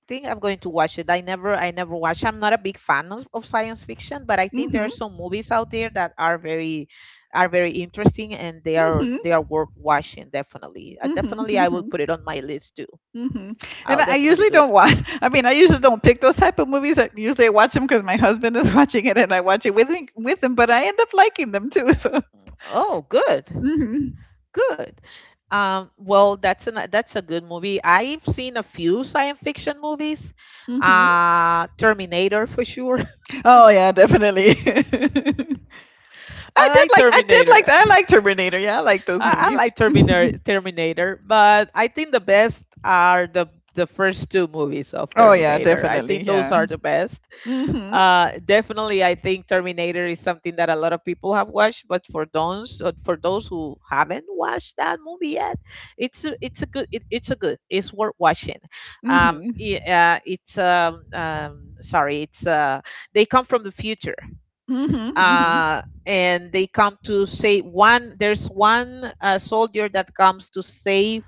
Speaker 1: Think I'm going to watch it. I never I never watch. I'm not a big fan of, of science fiction, but I think there
Speaker 2: Mm-hmm.
Speaker 1: are some movies out there that are very are very interesting, and they are
Speaker 2: Mm-hmm.
Speaker 1: they are worth watching, definitely. Uh,
Speaker 2: Mm-hmm,
Speaker 1: definitely I will
Speaker 2: mm-hmm.
Speaker 1: put it on my list too.
Speaker 2: Mhm. And
Speaker 1: I'll
Speaker 2: I I
Speaker 1: definitely
Speaker 2: usually
Speaker 1: do it.
Speaker 2: don't watch. I mean, I usually don't pick those type of movies. I usually I watch them because my husband is watching it, and I watch it with him, with him. But I end up liking them too. So.
Speaker 1: Oh, good.
Speaker 2: Hmm.
Speaker 1: Good. Um, well, that's an, that's a good movie. I've seen a few science fiction movies.
Speaker 2: Hmm.
Speaker 1: Uh, Terminator for sure.
Speaker 2: Oh yeah, definitely. I
Speaker 1: I
Speaker 2: did
Speaker 1: like
Speaker 2: like. I did like. I
Speaker 1: Terminator.
Speaker 2: like Terminator. Yeah, I like those
Speaker 1: I, I
Speaker 2: movies.
Speaker 1: like Terminator, Terminator, but I think the best are the the first two movies of
Speaker 2: Oh yeah,
Speaker 1: Terminator. I
Speaker 2: definitely.
Speaker 1: think those
Speaker 2: Yeah.
Speaker 1: are the best.
Speaker 2: Hmm.
Speaker 1: Uh, definitely, I think Terminator is something that a lot of people have watched, but for those uh, for those who haven't watched that movie yet, it's a, it's a good it, it's a good it's worth watching. Um,
Speaker 2: Hmm.
Speaker 1: yeah, uh, it's um, um sorry, it's uh They come from the future
Speaker 2: Mm-hmm. Mm-hmm.
Speaker 1: uh, and they come to say one there's one uh, soldier that comes to save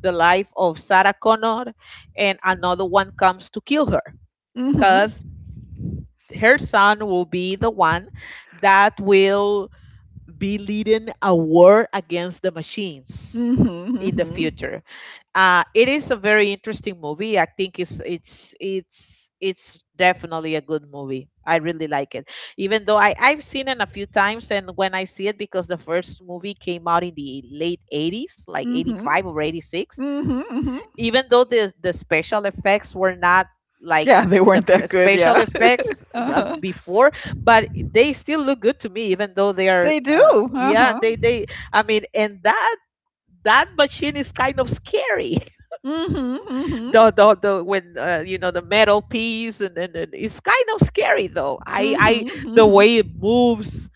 Speaker 1: the life of Sarah Connor, and another one comes to kill her because her son will be the one that will be leading a war against the machines
Speaker 2: Mm-hmm.
Speaker 1: in the
Speaker 2: Mm-hmm.
Speaker 1: future. Uh, it is a very interesting movie. I think it's it's it's it's definitely a good movie. I really like it, even though I I've seen it a few times. And when I see it, because the first movie came out in the late eighties, like
Speaker 2: Mm-hmm.
Speaker 1: 'eighty-five or 'eighty-six,
Speaker 2: Mm-hmm.
Speaker 1: even though the the special effects were not like
Speaker 2: Yeah, they
Speaker 1: the
Speaker 2: weren't that
Speaker 1: f-
Speaker 2: good.
Speaker 1: special
Speaker 2: Yeah.
Speaker 1: effects uh,
Speaker 2: Uh-huh.
Speaker 1: before, but they still look good to me, even though they are
Speaker 2: They do.
Speaker 1: uh,
Speaker 2: Uh
Speaker 1: yeah,
Speaker 2: huh.
Speaker 1: they they I mean and that that machine is kind of scary.
Speaker 2: Mhm, mhm,
Speaker 1: the the, the when uh, you know, the metal piece, and, and, and it's kind of scary though. I I
Speaker 2: mhm,
Speaker 1: The
Speaker 2: mhm.
Speaker 1: way it moves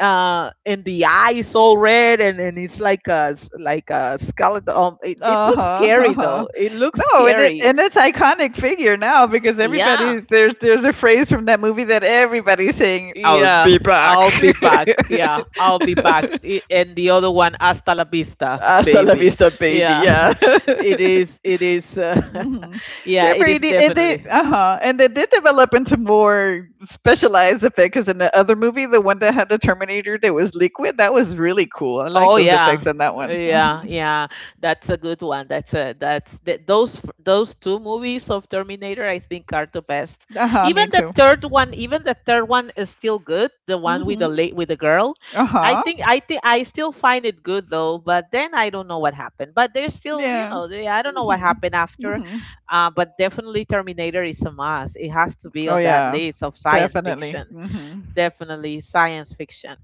Speaker 1: uh and the eyes all red, and and it's like a s- like a skeleton. Um, it, it looks
Speaker 2: Uh-huh,
Speaker 1: scary,
Speaker 2: uh-huh.
Speaker 1: though. It looks
Speaker 2: No, and it
Speaker 1: scary.
Speaker 2: and it's iconic figure now because
Speaker 1: Yeah,
Speaker 2: everybody's there's there's a phrase from that movie that everybody's saying, "I'll
Speaker 1: yeah,
Speaker 2: be back."
Speaker 1: I'll be back. Yeah, I'll be back. I- And the other one, hasta la vista,
Speaker 2: Hasta la
Speaker 1: baby.
Speaker 2: vista, baby.
Speaker 1: Yeah,
Speaker 2: Yeah.
Speaker 1: it is, it is, uh,
Speaker 2: Hmm.
Speaker 1: yeah,
Speaker 2: They're
Speaker 1: it
Speaker 2: very
Speaker 1: is
Speaker 2: neat, and they
Speaker 1: definitely.
Speaker 2: uh-huh, and they did develop into more specialized effects. Because in the other movie, the one that had the Terminator that was liquid, that was really cool. I like
Speaker 1: Oh
Speaker 2: those effects
Speaker 1: yeah.
Speaker 2: on that one. Hmm.
Speaker 1: Yeah, yeah. That's a good one. That's a that's th those f- Those two movies of Terminator I think are the best.
Speaker 2: Uh-huh,
Speaker 1: Even
Speaker 2: me
Speaker 1: the
Speaker 2: too.
Speaker 1: third one, even the third one is still good, the one with the
Speaker 2: Mhm.
Speaker 1: late with the girl. I
Speaker 2: Uh-huh.
Speaker 1: think I think I still find it good though, but then I don't know what happened. But there's still, you
Speaker 2: Yeah.
Speaker 1: know, they, I don't know what
Speaker 2: Mhm.
Speaker 1: happened after.
Speaker 2: Mhm.
Speaker 1: Uh, but definitely Terminator is a must. It has to be
Speaker 2: Oh
Speaker 1: on that
Speaker 2: yeah.
Speaker 1: list of science
Speaker 2: Definitely.
Speaker 1: fiction.
Speaker 2: Mhm.
Speaker 1: Definitely science fiction.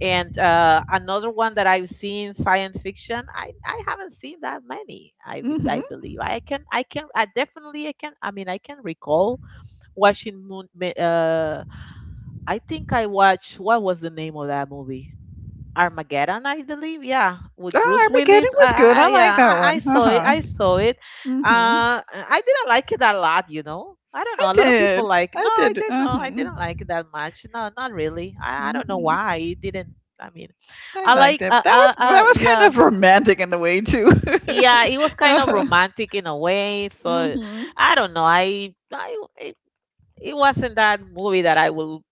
Speaker 1: And uh, another one that I've seen, science fiction, I, I haven't seen that many. I I
Speaker 2: Mhm.
Speaker 1: believe I can I can I definitely I can I mean I can recall watching Moon. ma- Uh, I think I watched, what was the name of that movie? Armageddon, I believe. Yeah, with
Speaker 2: Ah,
Speaker 1: Bruce
Speaker 2: Armageddon
Speaker 1: Willis. I,
Speaker 2: was
Speaker 1: I,
Speaker 2: good.
Speaker 1: I-
Speaker 2: I like
Speaker 1: yeah,
Speaker 2: that
Speaker 1: I, I
Speaker 2: one.
Speaker 1: saw it.
Speaker 2: Uh-huh.
Speaker 1: I saw it.
Speaker 2: Mhm.
Speaker 1: Uh, I didn't like it a lot, you know. I don't
Speaker 2: I
Speaker 1: know. A lot of people
Speaker 2: did.
Speaker 1: like. No,
Speaker 2: I
Speaker 1: I
Speaker 2: did.
Speaker 1: didn't know. I
Speaker 2: Uh-huh.
Speaker 1: didn't like it that much. No, not really. I, I don't know
Speaker 2: Mhm.
Speaker 1: why it didn't. I mean,
Speaker 2: I
Speaker 1: I
Speaker 2: liked
Speaker 1: like.
Speaker 2: it.
Speaker 1: Uh,
Speaker 2: That
Speaker 1: uh,
Speaker 2: was that
Speaker 1: uh,
Speaker 2: was kind
Speaker 1: yeah,
Speaker 2: of romantic in the way too.
Speaker 1: yeah. It was kind of
Speaker 2: Uh-huh.
Speaker 1: romantic in a way. So
Speaker 2: Mhm.
Speaker 1: I don't know. I, I it wasn't that movie that I will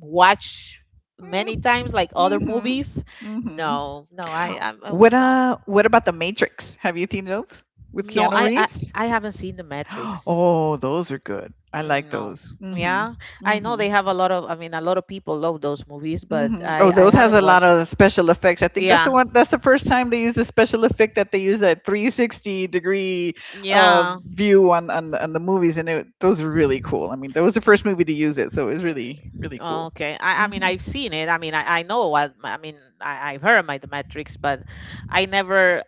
Speaker 1: watch many
Speaker 2: Mm.
Speaker 1: times like other
Speaker 2: Mhm.
Speaker 1: movies.
Speaker 2: Mhm.
Speaker 1: No, no, I, I'm,
Speaker 2: What
Speaker 1: no,
Speaker 2: uh what about The Matrix? Have you seen those with
Speaker 1: no,
Speaker 2: Keanu
Speaker 1: I, I,
Speaker 2: Reeves?
Speaker 1: I haven't seen The Matrix.
Speaker 2: Oh, those are good. I like
Speaker 1: Mm, no,
Speaker 2: those. Mhm.
Speaker 1: yeah, I know
Speaker 2: Mhm.
Speaker 1: they have a lot of. I mean, a lot of people love those movies, but
Speaker 2: Mhm. Oh,
Speaker 1: I, I
Speaker 2: those has
Speaker 1: haven't
Speaker 2: a lot
Speaker 1: watched.
Speaker 2: of special effects. I think that's the
Speaker 1: Yeah,
Speaker 2: one that's the first time they use the special effect that they use that three hundred sixty degree uh
Speaker 1: yeah,
Speaker 2: view on on, on the movies and it, those are really cool. I mean, that was the first movie to use it, so it was really really cool.
Speaker 1: okay. I, I mean,
Speaker 2: Mhm.
Speaker 1: I've seen it. I mean, I, I know what. I mean, I, I've heard my The Matrix, but I never,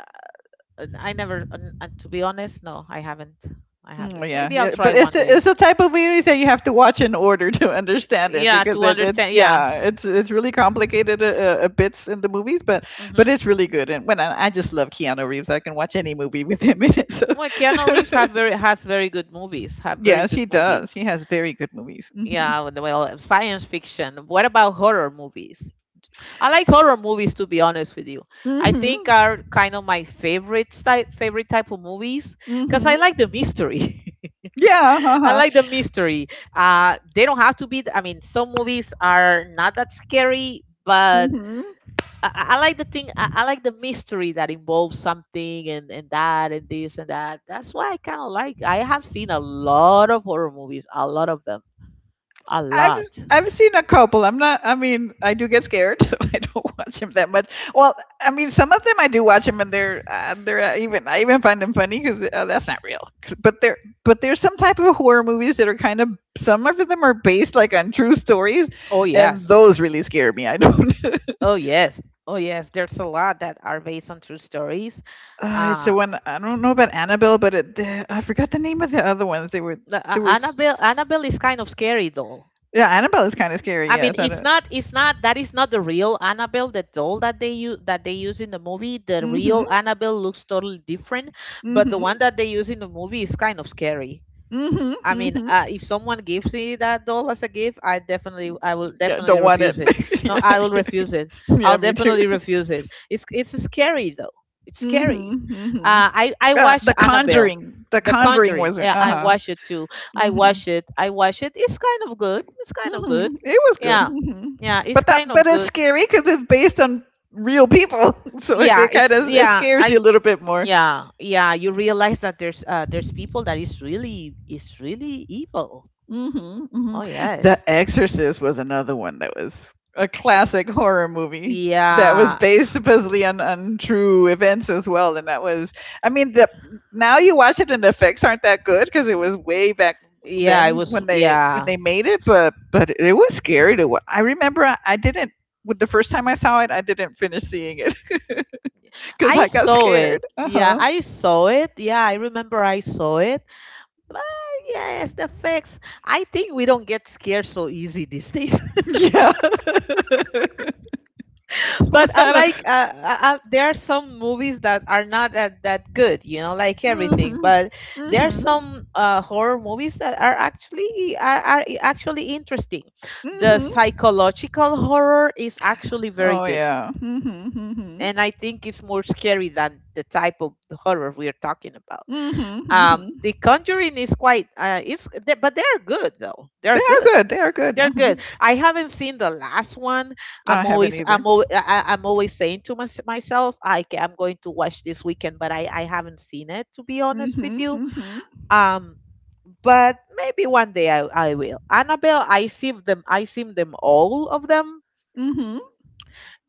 Speaker 1: I never. uh, uh, To be honest, no, I haven't. I
Speaker 2: Mm, oh
Speaker 1: haven't.
Speaker 2: yeah,
Speaker 1: Maybe I'll
Speaker 2: yeah,
Speaker 1: try
Speaker 2: but it's
Speaker 1: one
Speaker 2: the,
Speaker 1: day.
Speaker 2: it's the type of movies that you have to watch in order to understand it
Speaker 1: Yeah,
Speaker 2: because
Speaker 1: to
Speaker 2: it, it's
Speaker 1: understand. Yeah.
Speaker 2: yeah, it's it's really complicated uh, uh, uh, bits in the movies, but
Speaker 1: Hmm.
Speaker 2: but it's really good. And when I, I just love Keanu Reeves, I can watch any movie with him in it.
Speaker 1: Well, Keanu Reeves have very has very good movies,
Speaker 2: So
Speaker 1: have very
Speaker 2: yes,
Speaker 1: good
Speaker 2: he does. He
Speaker 1: movies.
Speaker 2: has very good movies. Mm-hmm.
Speaker 1: Yeah. Well well, science fiction, what about horror movies? I like horror movies, to be honest with you. I think
Speaker 2: Mm-hmm.
Speaker 1: are kind of my favorite type favorite type of movies because I
Speaker 2: Mm-hmm.
Speaker 1: like the mystery.
Speaker 2: Yeah.
Speaker 1: I
Speaker 2: Uh-huh.
Speaker 1: like the mystery. Uh they don't have to be, I mean, some movies are not that scary, but
Speaker 2: Mm-hmm.
Speaker 1: I, I I like the thing. I, I like the mystery that involves something, and and that and this and that. That's why I kind of like. I have seen a lot of horror movies, a lot of them, a
Speaker 2: I've
Speaker 1: lot.
Speaker 2: I've seen a couple. I'm not. I mean, I do get scared. So I don't watch them that much. Well, I mean, some of them I do watch them, and they're uh, they're uh, even I even find them funny because uh, that's not real. 'Cause- But there but there's some type of horror movies that are kind of some of them are based like on true stories,
Speaker 1: Oh
Speaker 2: and
Speaker 1: yes.
Speaker 2: those really scare me. I don't.
Speaker 1: Oh yes. Oh yes. There's a lot that are based on true stories.
Speaker 2: uh, it's
Speaker 1: Uh
Speaker 2: the one I don't know about Annabelle, but it, the, I forgot the name of the other ones. They were
Speaker 1: The- A-
Speaker 2: there
Speaker 1: Annabelle,
Speaker 2: was
Speaker 1: Annabelle is kind of scary though.
Speaker 2: yeah Annabelle is kind of scary.
Speaker 1: I mean,
Speaker 2: Yes, I
Speaker 1: it's
Speaker 2: don't.
Speaker 1: not. It's not. That is not the real Annabelle, the doll that they use that they use in the movie. The real
Speaker 2: Hmm.
Speaker 1: Annabelle looks totally different, but the
Speaker 2: Hmm.
Speaker 1: one that they use in the movie is kind of scary.
Speaker 2: Hmm.
Speaker 1: I mean,
Speaker 2: Hmm.
Speaker 1: uh, if someone gives me that doll as a gift, I definitely, I will
Speaker 2: Yeah,
Speaker 1: definitely
Speaker 2: don't want it.
Speaker 1: refuse it. No,
Speaker 2: yeah,
Speaker 1: I will refuse it.
Speaker 2: yeah, yeah,
Speaker 1: I'll
Speaker 2: me too.
Speaker 1: definitely refuse it. It's it's scary though. It's scary.
Speaker 2: Mm-hmm, mm-hmm.
Speaker 1: Uh, I I
Speaker 2: Uh,
Speaker 1: watch
Speaker 2: the
Speaker 1: Annabelle,
Speaker 2: Conjuring, The
Speaker 1: The
Speaker 2: Conjuring
Speaker 1: Conjuring.
Speaker 2: was uh
Speaker 1: Yeah, I
Speaker 2: huh.
Speaker 1: watch it too. I
Speaker 2: Mm-hmm,
Speaker 1: watch it. I watch it. It's kind of good. It's kind of good.
Speaker 2: mm-hmm. It was good.
Speaker 1: Yeah,
Speaker 2: Mm-hmm.
Speaker 1: yeah. It's
Speaker 2: But
Speaker 1: kind
Speaker 2: that,
Speaker 1: of
Speaker 2: but it's
Speaker 1: good.
Speaker 2: scary because it's based on real people, so it,
Speaker 1: Yeah,
Speaker 2: it kind
Speaker 1: it's
Speaker 2: of it
Speaker 1: yeah.
Speaker 2: scares
Speaker 1: I
Speaker 2: you a little bit more.
Speaker 1: yeah yeah. You realize that there's uh there's people that is really is really evil.
Speaker 2: Mhm,
Speaker 1: Oh
Speaker 2: mhm. The
Speaker 1: yes.
Speaker 2: Exorcist was another one that was a classic horror movie that was
Speaker 1: Yeah.
Speaker 2: based supposedly on, on true events as well. And that was, I mean, the now you watch it and the effects aren't that good because it was way back
Speaker 1: Yeah, I
Speaker 2: then
Speaker 1: was.
Speaker 2: when they when
Speaker 1: Yeah.
Speaker 2: they made it, but but it was scary to watch. I remember I, I didn't with the first time I saw it, I didn't finish seeing it because
Speaker 1: I
Speaker 2: I got
Speaker 1: saw it.
Speaker 2: scared. Uh
Speaker 1: Yeah,
Speaker 2: huh.
Speaker 1: I saw it. Yeah, I remember I saw it. But yes, the effects. I think we don't get scared so easy these days.
Speaker 2: Yeah. I
Speaker 1: But I like
Speaker 2: don't.
Speaker 1: uh, uh, uh, there are some movies that are not that, that good, you know, like everything.
Speaker 2: Mhm.
Speaker 1: But there are
Speaker 2: Mhm.
Speaker 1: some uh, horror movies that are actually are, are actually interesting. The
Speaker 2: Mhm.
Speaker 1: psychological horror is actually very
Speaker 2: Oh,
Speaker 1: good,
Speaker 2: yeah. Mhm, mhm.
Speaker 1: and I think it's more scary than the type of horror we are talking about.
Speaker 2: Mhm,
Speaker 1: Um,
Speaker 2: mhm.
Speaker 1: The Conjuring is quite, uh, it's, they- but they're good though.
Speaker 2: They
Speaker 1: They're
Speaker 2: are
Speaker 1: good.
Speaker 2: good, they are good.
Speaker 1: They're good.
Speaker 2: Mhm.
Speaker 1: I haven't seen the last one. I'm
Speaker 2: I haven't
Speaker 1: always,
Speaker 2: either.
Speaker 1: I'm, al- I, I- I'm always saying to mys- myself, I, ca- I'm going to watch this weekend, but I, I haven't seen it, to be honest with
Speaker 2: Mhm,
Speaker 1: you.
Speaker 2: mhm.
Speaker 1: Um, but maybe one day I, I will. Annabelle, I see them. I seen them all of them,
Speaker 2: Mhm.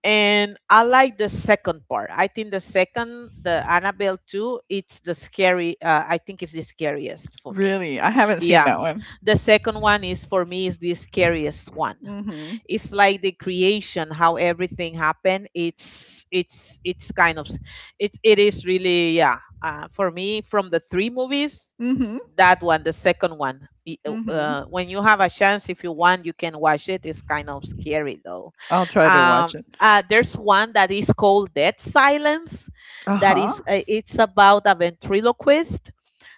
Speaker 1: and I like the second part. I think the second, the Annabelle two, it's the scary, uh, I think it's the scariest for me.
Speaker 2: Really? I haven't seen
Speaker 1: Yeah.
Speaker 2: that one.
Speaker 1: The second one is for me is the scariest one.
Speaker 2: Mhm.
Speaker 1: It's like the creation, how everything happened. It's it's it's kind of s- it it is really. Yeah. Uh, for me, from the three movies,
Speaker 2: Mhm,
Speaker 1: that one, the second one, i-
Speaker 2: mhm.
Speaker 1: uh, when you have a chance, if you want, you can watch it. It's kind of scary though.
Speaker 2: I'll try to watch
Speaker 1: Um
Speaker 2: it.
Speaker 1: uh, there's one that is called Dead Silence, that
Speaker 2: Uh-huh.
Speaker 1: is uh, it's about a ventriloquist.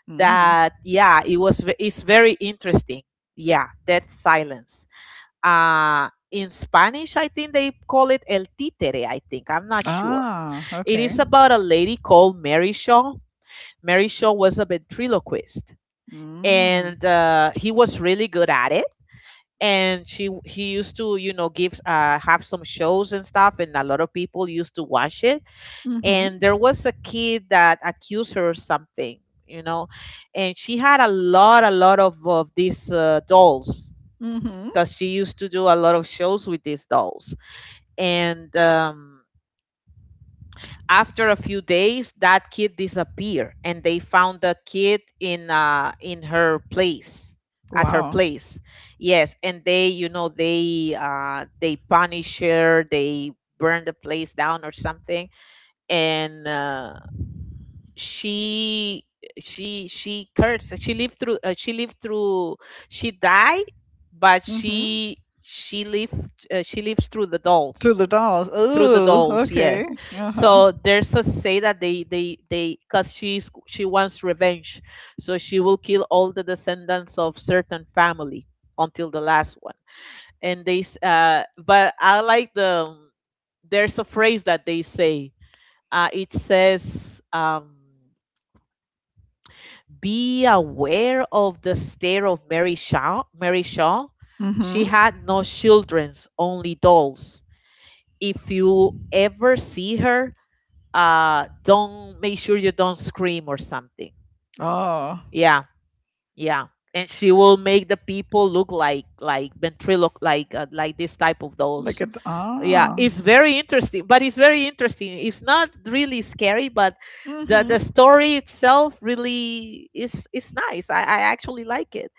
Speaker 2: Mm.
Speaker 1: That yeah it was ve- It's very interesting. Yeah, Dead Silence. Uh, in Spanish, I think they call it El Títere, I think. I'm not sure.
Speaker 2: Ah,
Speaker 1: It
Speaker 2: okay.
Speaker 1: is about a lady called Mary Shaw. Mary Shaw was a ventriloquist,
Speaker 2: Mm.
Speaker 1: and uh, he was really good at it. And she he used to, you know, give uh, have some shows and stuff, and a lot of people used to watch it.
Speaker 2: Mhm.
Speaker 1: And there was a kid that accused her of something, you know, and she had a lot, a lot of, of these uh, dolls
Speaker 2: Mhm.
Speaker 1: because she used to do a lot of shows with these dolls and um, after a few days that kid disappeared and they found the kid in uh, in her place, at her
Speaker 2: Wow.
Speaker 1: place. Yes, and they, you know, they uh, they punish her, they burn the place down or something. And uh, she she she cursed, she lived through uh, she lived through, she died, but
Speaker 2: Mhm.
Speaker 1: she she lived, uh, she lives through the
Speaker 2: To
Speaker 1: dolls,
Speaker 2: the dolls.
Speaker 1: through the
Speaker 2: Ooh,
Speaker 1: dolls.
Speaker 2: okay.
Speaker 1: Yes,
Speaker 2: Uh-huh.
Speaker 1: so there's a say that they they they because she's, she wants revenge, so she will kill all the descendants of certain family until the last one. And they s- uh but I like the, there's a phrase that they say. Uh it says, um be aware of the stare of Mary Shaw. Mary Shaw, she
Speaker 2: Mhm.
Speaker 1: had no children's, only dolls. If you ever see her, uh don't, make sure you don't scream or something.
Speaker 2: Oh,
Speaker 1: Yeah. Yeah. And she will make the people look like like ventriloquist, like uh, like this type of
Speaker 2: look
Speaker 1: dolls.
Speaker 2: at
Speaker 1: Yeah,
Speaker 2: ah.
Speaker 1: it's very interesting. But it's very interesting, it's not really scary, but the
Speaker 2: Mhm.
Speaker 1: the story itself really is is nice. i, I actually like it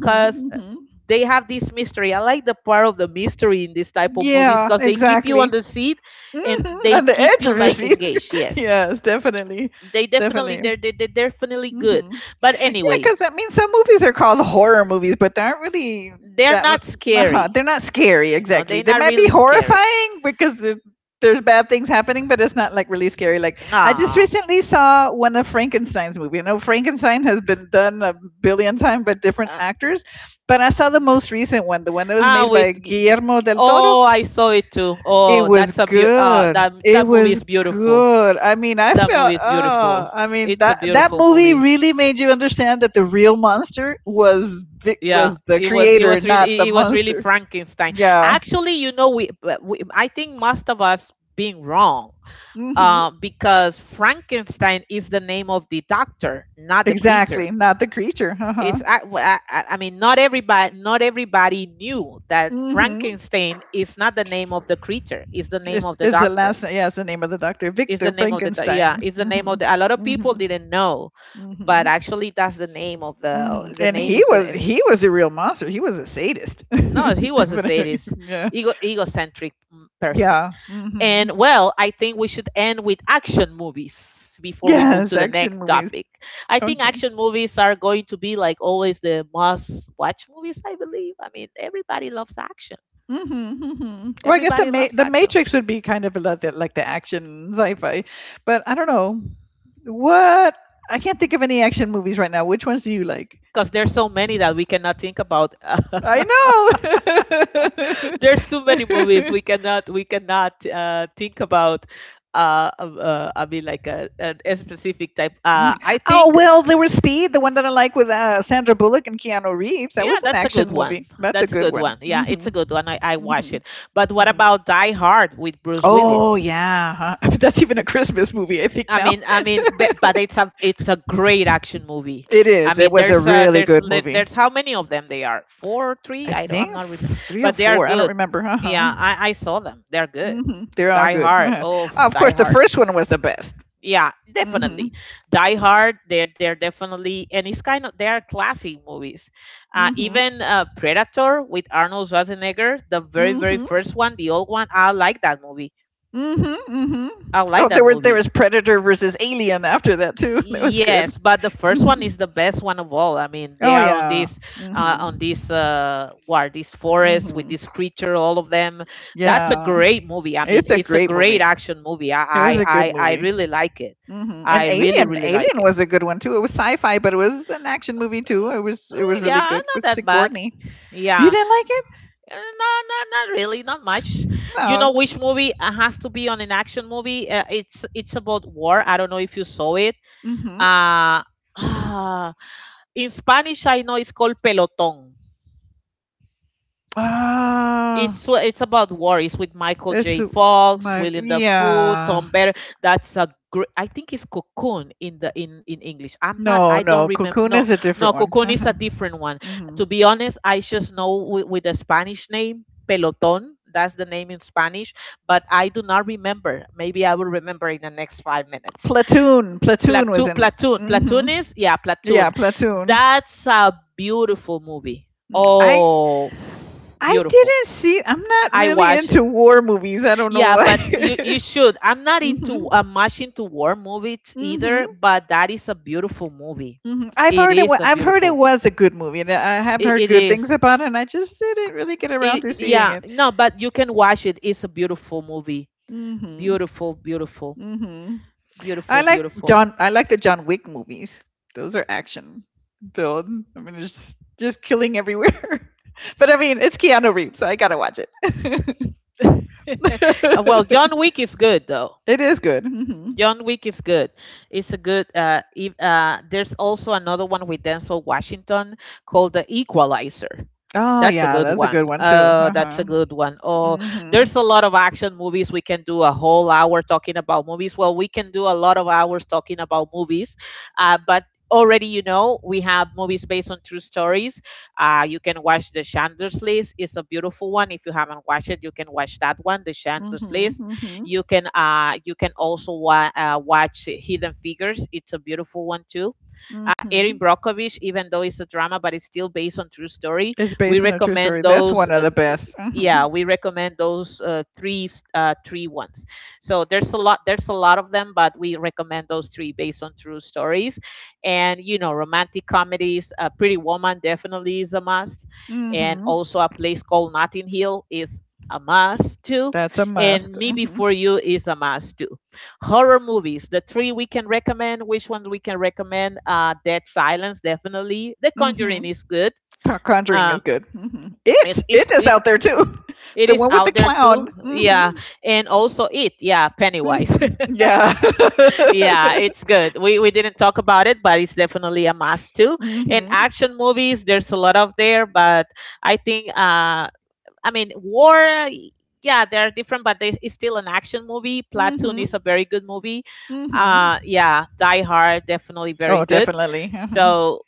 Speaker 1: because
Speaker 2: Hmm.
Speaker 1: they have this mystery. I like the part of the mystery in this type of movies
Speaker 2: Yeah,
Speaker 1: because they keep you on
Speaker 2: exactly.
Speaker 1: the seat and
Speaker 2: Hmm.
Speaker 1: they
Speaker 2: On the
Speaker 1: keep
Speaker 2: edge
Speaker 1: you
Speaker 2: of your
Speaker 1: like
Speaker 2: seat.
Speaker 1: engaged. Yes,
Speaker 2: yes, definitely.
Speaker 1: they definitely,
Speaker 2: Definitely.
Speaker 1: they're they, they're definitely good.
Speaker 2: Hmm.
Speaker 1: But
Speaker 2: Yeah,
Speaker 1: anyway,
Speaker 2: because I mean, some movies are called horror movies, but they aren't really
Speaker 1: they're
Speaker 2: that.
Speaker 1: not
Speaker 2: Uh-huh,
Speaker 1: scary.
Speaker 2: they're not scary
Speaker 1: You know,
Speaker 2: exactly.
Speaker 1: they're
Speaker 2: They
Speaker 1: not
Speaker 2: might be
Speaker 1: really scary.
Speaker 2: horrifying because there's, there's bad things happening, but it's not like really scary. Like I just
Speaker 1: No.
Speaker 2: recently saw one of Frankenstein's movie. I know Frankenstein has been done a billion times by different
Speaker 1: uh,
Speaker 2: actors, but I saw the most recent one, the one that was
Speaker 1: ah
Speaker 2: made
Speaker 1: with
Speaker 2: by
Speaker 1: g-
Speaker 2: Guillermo
Speaker 1: g-
Speaker 2: del Toro.
Speaker 1: oh, I saw it too.
Speaker 2: It
Speaker 1: Oh,
Speaker 2: was
Speaker 1: that's a beau uh
Speaker 2: good.
Speaker 1: that
Speaker 2: It
Speaker 1: that movie
Speaker 2: was
Speaker 1: is beautiful.
Speaker 2: good. I mean, I
Speaker 1: That
Speaker 2: felt
Speaker 1: movie is
Speaker 2: oh,
Speaker 1: beautiful.
Speaker 2: I mean
Speaker 1: It's a
Speaker 2: that that
Speaker 1: beautiful
Speaker 2: movie
Speaker 1: movie.
Speaker 2: really made you understand that the real monster was the,
Speaker 1: Yeah,
Speaker 2: was the
Speaker 1: it was it
Speaker 2: creator,
Speaker 1: was
Speaker 2: not
Speaker 1: really
Speaker 2: the
Speaker 1: it was really
Speaker 2: monster.
Speaker 1: Frankenstein.
Speaker 2: Yeah.
Speaker 1: Actually, you know, we, but we I think most of us being wrong,
Speaker 2: Mhm.
Speaker 1: uh, because Frankenstein is the name of the doctor, not the creature.
Speaker 2: Exactly. Not the creature. Uh-huh.
Speaker 1: It's, I I, I I mean, not everybody not everybody knew that
Speaker 2: Mhm.
Speaker 1: Frankenstein is not the name of the creature. It's the name
Speaker 2: It's
Speaker 1: of the
Speaker 2: it's the
Speaker 1: doctor.
Speaker 2: last yeah, it's the name of the doctor,
Speaker 1: It's the
Speaker 2: Victor
Speaker 1: name of the doc- Yeah.
Speaker 2: Frankenstein.
Speaker 1: It's the name of
Speaker 2: Mhm.
Speaker 1: the. A lot of people
Speaker 2: Mhm.
Speaker 1: didn't know, but
Speaker 2: Mhm.
Speaker 1: actually that's the name of the
Speaker 2: Mhm.
Speaker 1: the
Speaker 2: And
Speaker 1: name
Speaker 2: he
Speaker 1: is the
Speaker 2: was
Speaker 1: is-
Speaker 2: he was a real monster. He was a sadist.
Speaker 1: No, he was a
Speaker 2: Definitely.
Speaker 1: sadist,
Speaker 2: Yeah.
Speaker 1: ego, egocentric, mm, person.
Speaker 2: Yeah. Hmm.
Speaker 1: And well, I think we should end with action movies before we move
Speaker 2: Yes,
Speaker 1: to the
Speaker 2: action
Speaker 1: next
Speaker 2: movies.
Speaker 1: topic. I think
Speaker 2: Okay.
Speaker 1: action movies are going to be like always the must watch movies, I believe. I mean, everybody loves action.
Speaker 2: Mm-hmm, mm-hmm. Well, I guess the
Speaker 1: Everybody
Speaker 2: Ma-
Speaker 1: loves
Speaker 2: the
Speaker 1: action
Speaker 2: Matrix would be kind of like the, like the action sci-fi, but I don't know what I can't think of any action movies right now. Which ones do you like?
Speaker 1: because there's so many that we cannot think about.
Speaker 2: I
Speaker 1: There's too many movies,
Speaker 2: know.
Speaker 1: we cannot, we cannot uh, think about. uh, uh, uh, I mean, like a, a, a specific type.
Speaker 2: Mhm.
Speaker 1: Uh, I
Speaker 2: Oh
Speaker 1: think
Speaker 2: well, there was Speed, the one that I like with uh, Sandra Bullock and Keanu Reeves. That
Speaker 1: yeah,
Speaker 2: was an
Speaker 1: that's a good
Speaker 2: action
Speaker 1: one.
Speaker 2: movie. That's a
Speaker 1: That's a
Speaker 2: good
Speaker 1: good
Speaker 2: one.
Speaker 1: one. Yeah, it's
Speaker 2: Hmm.
Speaker 1: a good one. I, I watch
Speaker 2: Hmm.
Speaker 1: it. But what
Speaker 2: Hmm.
Speaker 1: about Die Hard with Bruce
Speaker 2: Oh
Speaker 1: Willis?
Speaker 2: yeah, huh? that's even a Christmas movie, I think
Speaker 1: I
Speaker 2: now.
Speaker 1: mean, I mean, but, but it's a, it's a great action movie.
Speaker 2: It
Speaker 1: I
Speaker 2: is. It
Speaker 1: mean,
Speaker 2: was a
Speaker 1: there's uh
Speaker 2: really
Speaker 1: there's
Speaker 2: good
Speaker 1: li- there's
Speaker 2: movie.
Speaker 1: how many of them they are? Four, three?
Speaker 2: I
Speaker 1: I don't, I'm
Speaker 2: think
Speaker 1: not remember.
Speaker 2: f- three or
Speaker 1: But they are
Speaker 2: four. I don't
Speaker 1: good.
Speaker 2: remember. Uh-huh.
Speaker 1: Yeah, I I saw them. They are good.
Speaker 2: Hmm. They are
Speaker 1: Die
Speaker 2: good.
Speaker 1: Hard.
Speaker 2: Uh-huh.
Speaker 1: Oh,
Speaker 2: Of
Speaker 1: Die
Speaker 2: course, the
Speaker 1: Hard.
Speaker 2: first one was the best.
Speaker 1: Yeah,
Speaker 2: Mm-hmm.
Speaker 1: definitely. Die Hard, they're they're definitely. And it's kind of, they are classic movies. uh
Speaker 2: Mm-hmm.
Speaker 1: even uh Predator with Arnold Schwarzenegger, the very, very
Speaker 2: Mm-hmm.
Speaker 1: first one, the old one. I like that movie.
Speaker 2: Mm-hmm. Mm-hmm.
Speaker 1: I like
Speaker 2: Oh, there
Speaker 1: that
Speaker 2: were there
Speaker 1: movie.
Speaker 2: was Predator versus Alien after that too. That was good.
Speaker 1: Yes, but the first one
Speaker 2: Mhm.
Speaker 1: is the best one of all. I mean, they
Speaker 2: Oh
Speaker 1: are on
Speaker 2: yeah.
Speaker 1: this, uh on
Speaker 2: Mm-hmm.
Speaker 1: this uh war, this forest with
Speaker 2: Mm-hmm.
Speaker 1: this creature, all of them. That's a
Speaker 2: Yeah.
Speaker 1: great movie. I mean,
Speaker 2: It's a
Speaker 1: it's a
Speaker 2: great
Speaker 1: great
Speaker 2: movie.
Speaker 1: action movie. i
Speaker 2: It was
Speaker 1: i
Speaker 2: a good
Speaker 1: i, I
Speaker 2: movie.
Speaker 1: really like it.
Speaker 2: Mm-hmm. And
Speaker 1: I really,
Speaker 2: Alien,
Speaker 1: really like
Speaker 2: Alien
Speaker 1: it.
Speaker 2: was a good one too. It was sci-fi, but it was an action movie too.
Speaker 1: Uh,
Speaker 2: It was it
Speaker 1: uh,
Speaker 2: was
Speaker 1: yeah,
Speaker 2: really good
Speaker 1: not
Speaker 2: with
Speaker 1: that bad.
Speaker 2: Sigourney. You
Speaker 1: Yeah,
Speaker 2: didn't like it?
Speaker 1: uh, no, no, not really, not much. You
Speaker 2: No.
Speaker 1: know which movie uh, has to be on an action movie? Uh, it's it's about war. I don't know if you saw it.
Speaker 2: Mm-hmm.
Speaker 1: Uh, in Spanish, I know it's called Pelotón.
Speaker 2: Ah,
Speaker 1: It's wha- it's about war. It's with Michael
Speaker 2: it's
Speaker 1: J. Fox,
Speaker 2: my
Speaker 1: William Dafoe,
Speaker 2: yeah.
Speaker 1: Tom Better. That's a great. I think it's Cocoon in the, in in English. I'm not.
Speaker 2: No,
Speaker 1: I don't
Speaker 2: no.
Speaker 1: remember.
Speaker 2: Cocoon
Speaker 1: No,
Speaker 2: is a different
Speaker 1: no, Cocoon is a
Speaker 2: one.
Speaker 1: different one.
Speaker 2: Hmm.
Speaker 1: To be honest, I just know with, with the Spanish name Peloton. That's the name in Spanish, but I do not remember. Maybe I will remember in the next five minutes.
Speaker 2: Platoon. Platoon was
Speaker 1: Platoon,
Speaker 2: in.
Speaker 1: platoon,
Speaker 2: Hmm.
Speaker 1: platoon is, yeah,
Speaker 2: Yeah,
Speaker 1: Platoon.
Speaker 2: Platoon.
Speaker 1: That's a beautiful movie.
Speaker 2: Mm, I
Speaker 1: Oh,
Speaker 2: I
Speaker 1: beautiful.
Speaker 2: didn't see. I'm not
Speaker 1: I
Speaker 2: really
Speaker 1: watched it.
Speaker 2: into war movies. I don't know
Speaker 1: Yeah, but you you
Speaker 2: why.
Speaker 1: should. I'm not
Speaker 2: Hmm.
Speaker 1: into uh, much into war movies either,
Speaker 2: Hmm.
Speaker 1: but that is a beautiful movie.
Speaker 2: Hmm. I've
Speaker 1: It
Speaker 2: heard it. wa-
Speaker 1: is a
Speaker 2: I've heard it
Speaker 1: beautiful.
Speaker 2: was a good movie, and I have
Speaker 1: It,
Speaker 2: heard
Speaker 1: it
Speaker 2: good things
Speaker 1: is.
Speaker 2: about it. And I just didn't really get around
Speaker 1: It,
Speaker 2: to seeing
Speaker 1: yeah,
Speaker 2: it.
Speaker 1: no, but you can watch it. It's a beautiful movie.
Speaker 2: Hmm.
Speaker 1: Beautiful, beautiful,
Speaker 2: Hmm. I
Speaker 1: beautiful,
Speaker 2: like
Speaker 1: beautiful.
Speaker 2: John. I like the John Wick movies. Those are action filled. I mean, just just killing everywhere. but I mean, it's Keanu Reeves, so I gotta watch it.
Speaker 1: Uh, well, John Wick is good though.
Speaker 2: it is good. Hmm.
Speaker 1: John Wick is good. It's a good. Uh, if, uh, there's also another one with Denzel Washington called The Equalizer.
Speaker 2: Oh
Speaker 1: That's a
Speaker 2: yeah,
Speaker 1: good
Speaker 2: that's a
Speaker 1: one.
Speaker 2: good one too.
Speaker 1: Uh,
Speaker 2: Uh
Speaker 1: that's a
Speaker 2: huh.
Speaker 1: good one. Oh,
Speaker 2: Mhm.
Speaker 1: there's a lot of action movies. We can do a whole hour talking about movies. Well, we can do a lot of hours talking about movies. Uh, but already, you know, we have movies based on true stories. Uh, you can watch The Chandler's List. It's a beautiful one. If you haven't watched it, you can watch that one, The Chandler's
Speaker 2: Mhm.
Speaker 1: List.
Speaker 2: Mhm.
Speaker 1: You can uh, you can also wa- uh, watch Hidden Figures. It's a beautiful one too. Uh, Erin
Speaker 2: Mhm.
Speaker 1: Brockovich, even though it's a drama, but it's still based on true story.
Speaker 2: It's
Speaker 1: We
Speaker 2: based on a true story.
Speaker 1: recommend
Speaker 2: That's
Speaker 1: those.
Speaker 2: one of
Speaker 1: Uh,
Speaker 2: the
Speaker 1: th-
Speaker 2: best.
Speaker 1: yeah,
Speaker 2: Mhm.
Speaker 1: we recommend those uh, three s- uh, three ones. So there's a lot, there's a lot of them, but we recommend those three based on true stories. And you know, romantic comedies, uh, Pretty Woman definitely is a must, and
Speaker 2: Mhm.
Speaker 1: also a place called Notting Hill is a must too,
Speaker 2: That's a
Speaker 1: and
Speaker 2: must.
Speaker 1: Me
Speaker 2: Mhm.
Speaker 1: Before You is a must too. Horror movies, the three we can recommend, which ones we can recommend: uh, Dead Silence definitely, The Conjuring
Speaker 2: Mhm.
Speaker 1: is good.
Speaker 2: Con- Conjuring is
Speaker 1: um
Speaker 2: good. Mhm. It.
Speaker 1: it's, it's
Speaker 2: It is
Speaker 1: it
Speaker 2: out there too.
Speaker 1: it
Speaker 2: The
Speaker 1: is
Speaker 2: one with the
Speaker 1: out there too,
Speaker 2: clown. Mhm.
Speaker 1: yeah. And also It, yeah, Pennywise.
Speaker 2: yeah.
Speaker 1: Yeah, it's good. We we didn't talk about it, but it's definitely a must too. And
Speaker 2: mhm.
Speaker 1: action movies, there's a lot of there, but I think uh, I mean, war, yeah, they're different, but they, it's still an action movie. Platoon
Speaker 2: Mhm.
Speaker 1: is a very good movie. Uh,
Speaker 2: Mhm.
Speaker 1: yeah, Die Hard, definitely very
Speaker 2: Oh,
Speaker 1: good.
Speaker 2: definitely. Mhm.
Speaker 1: So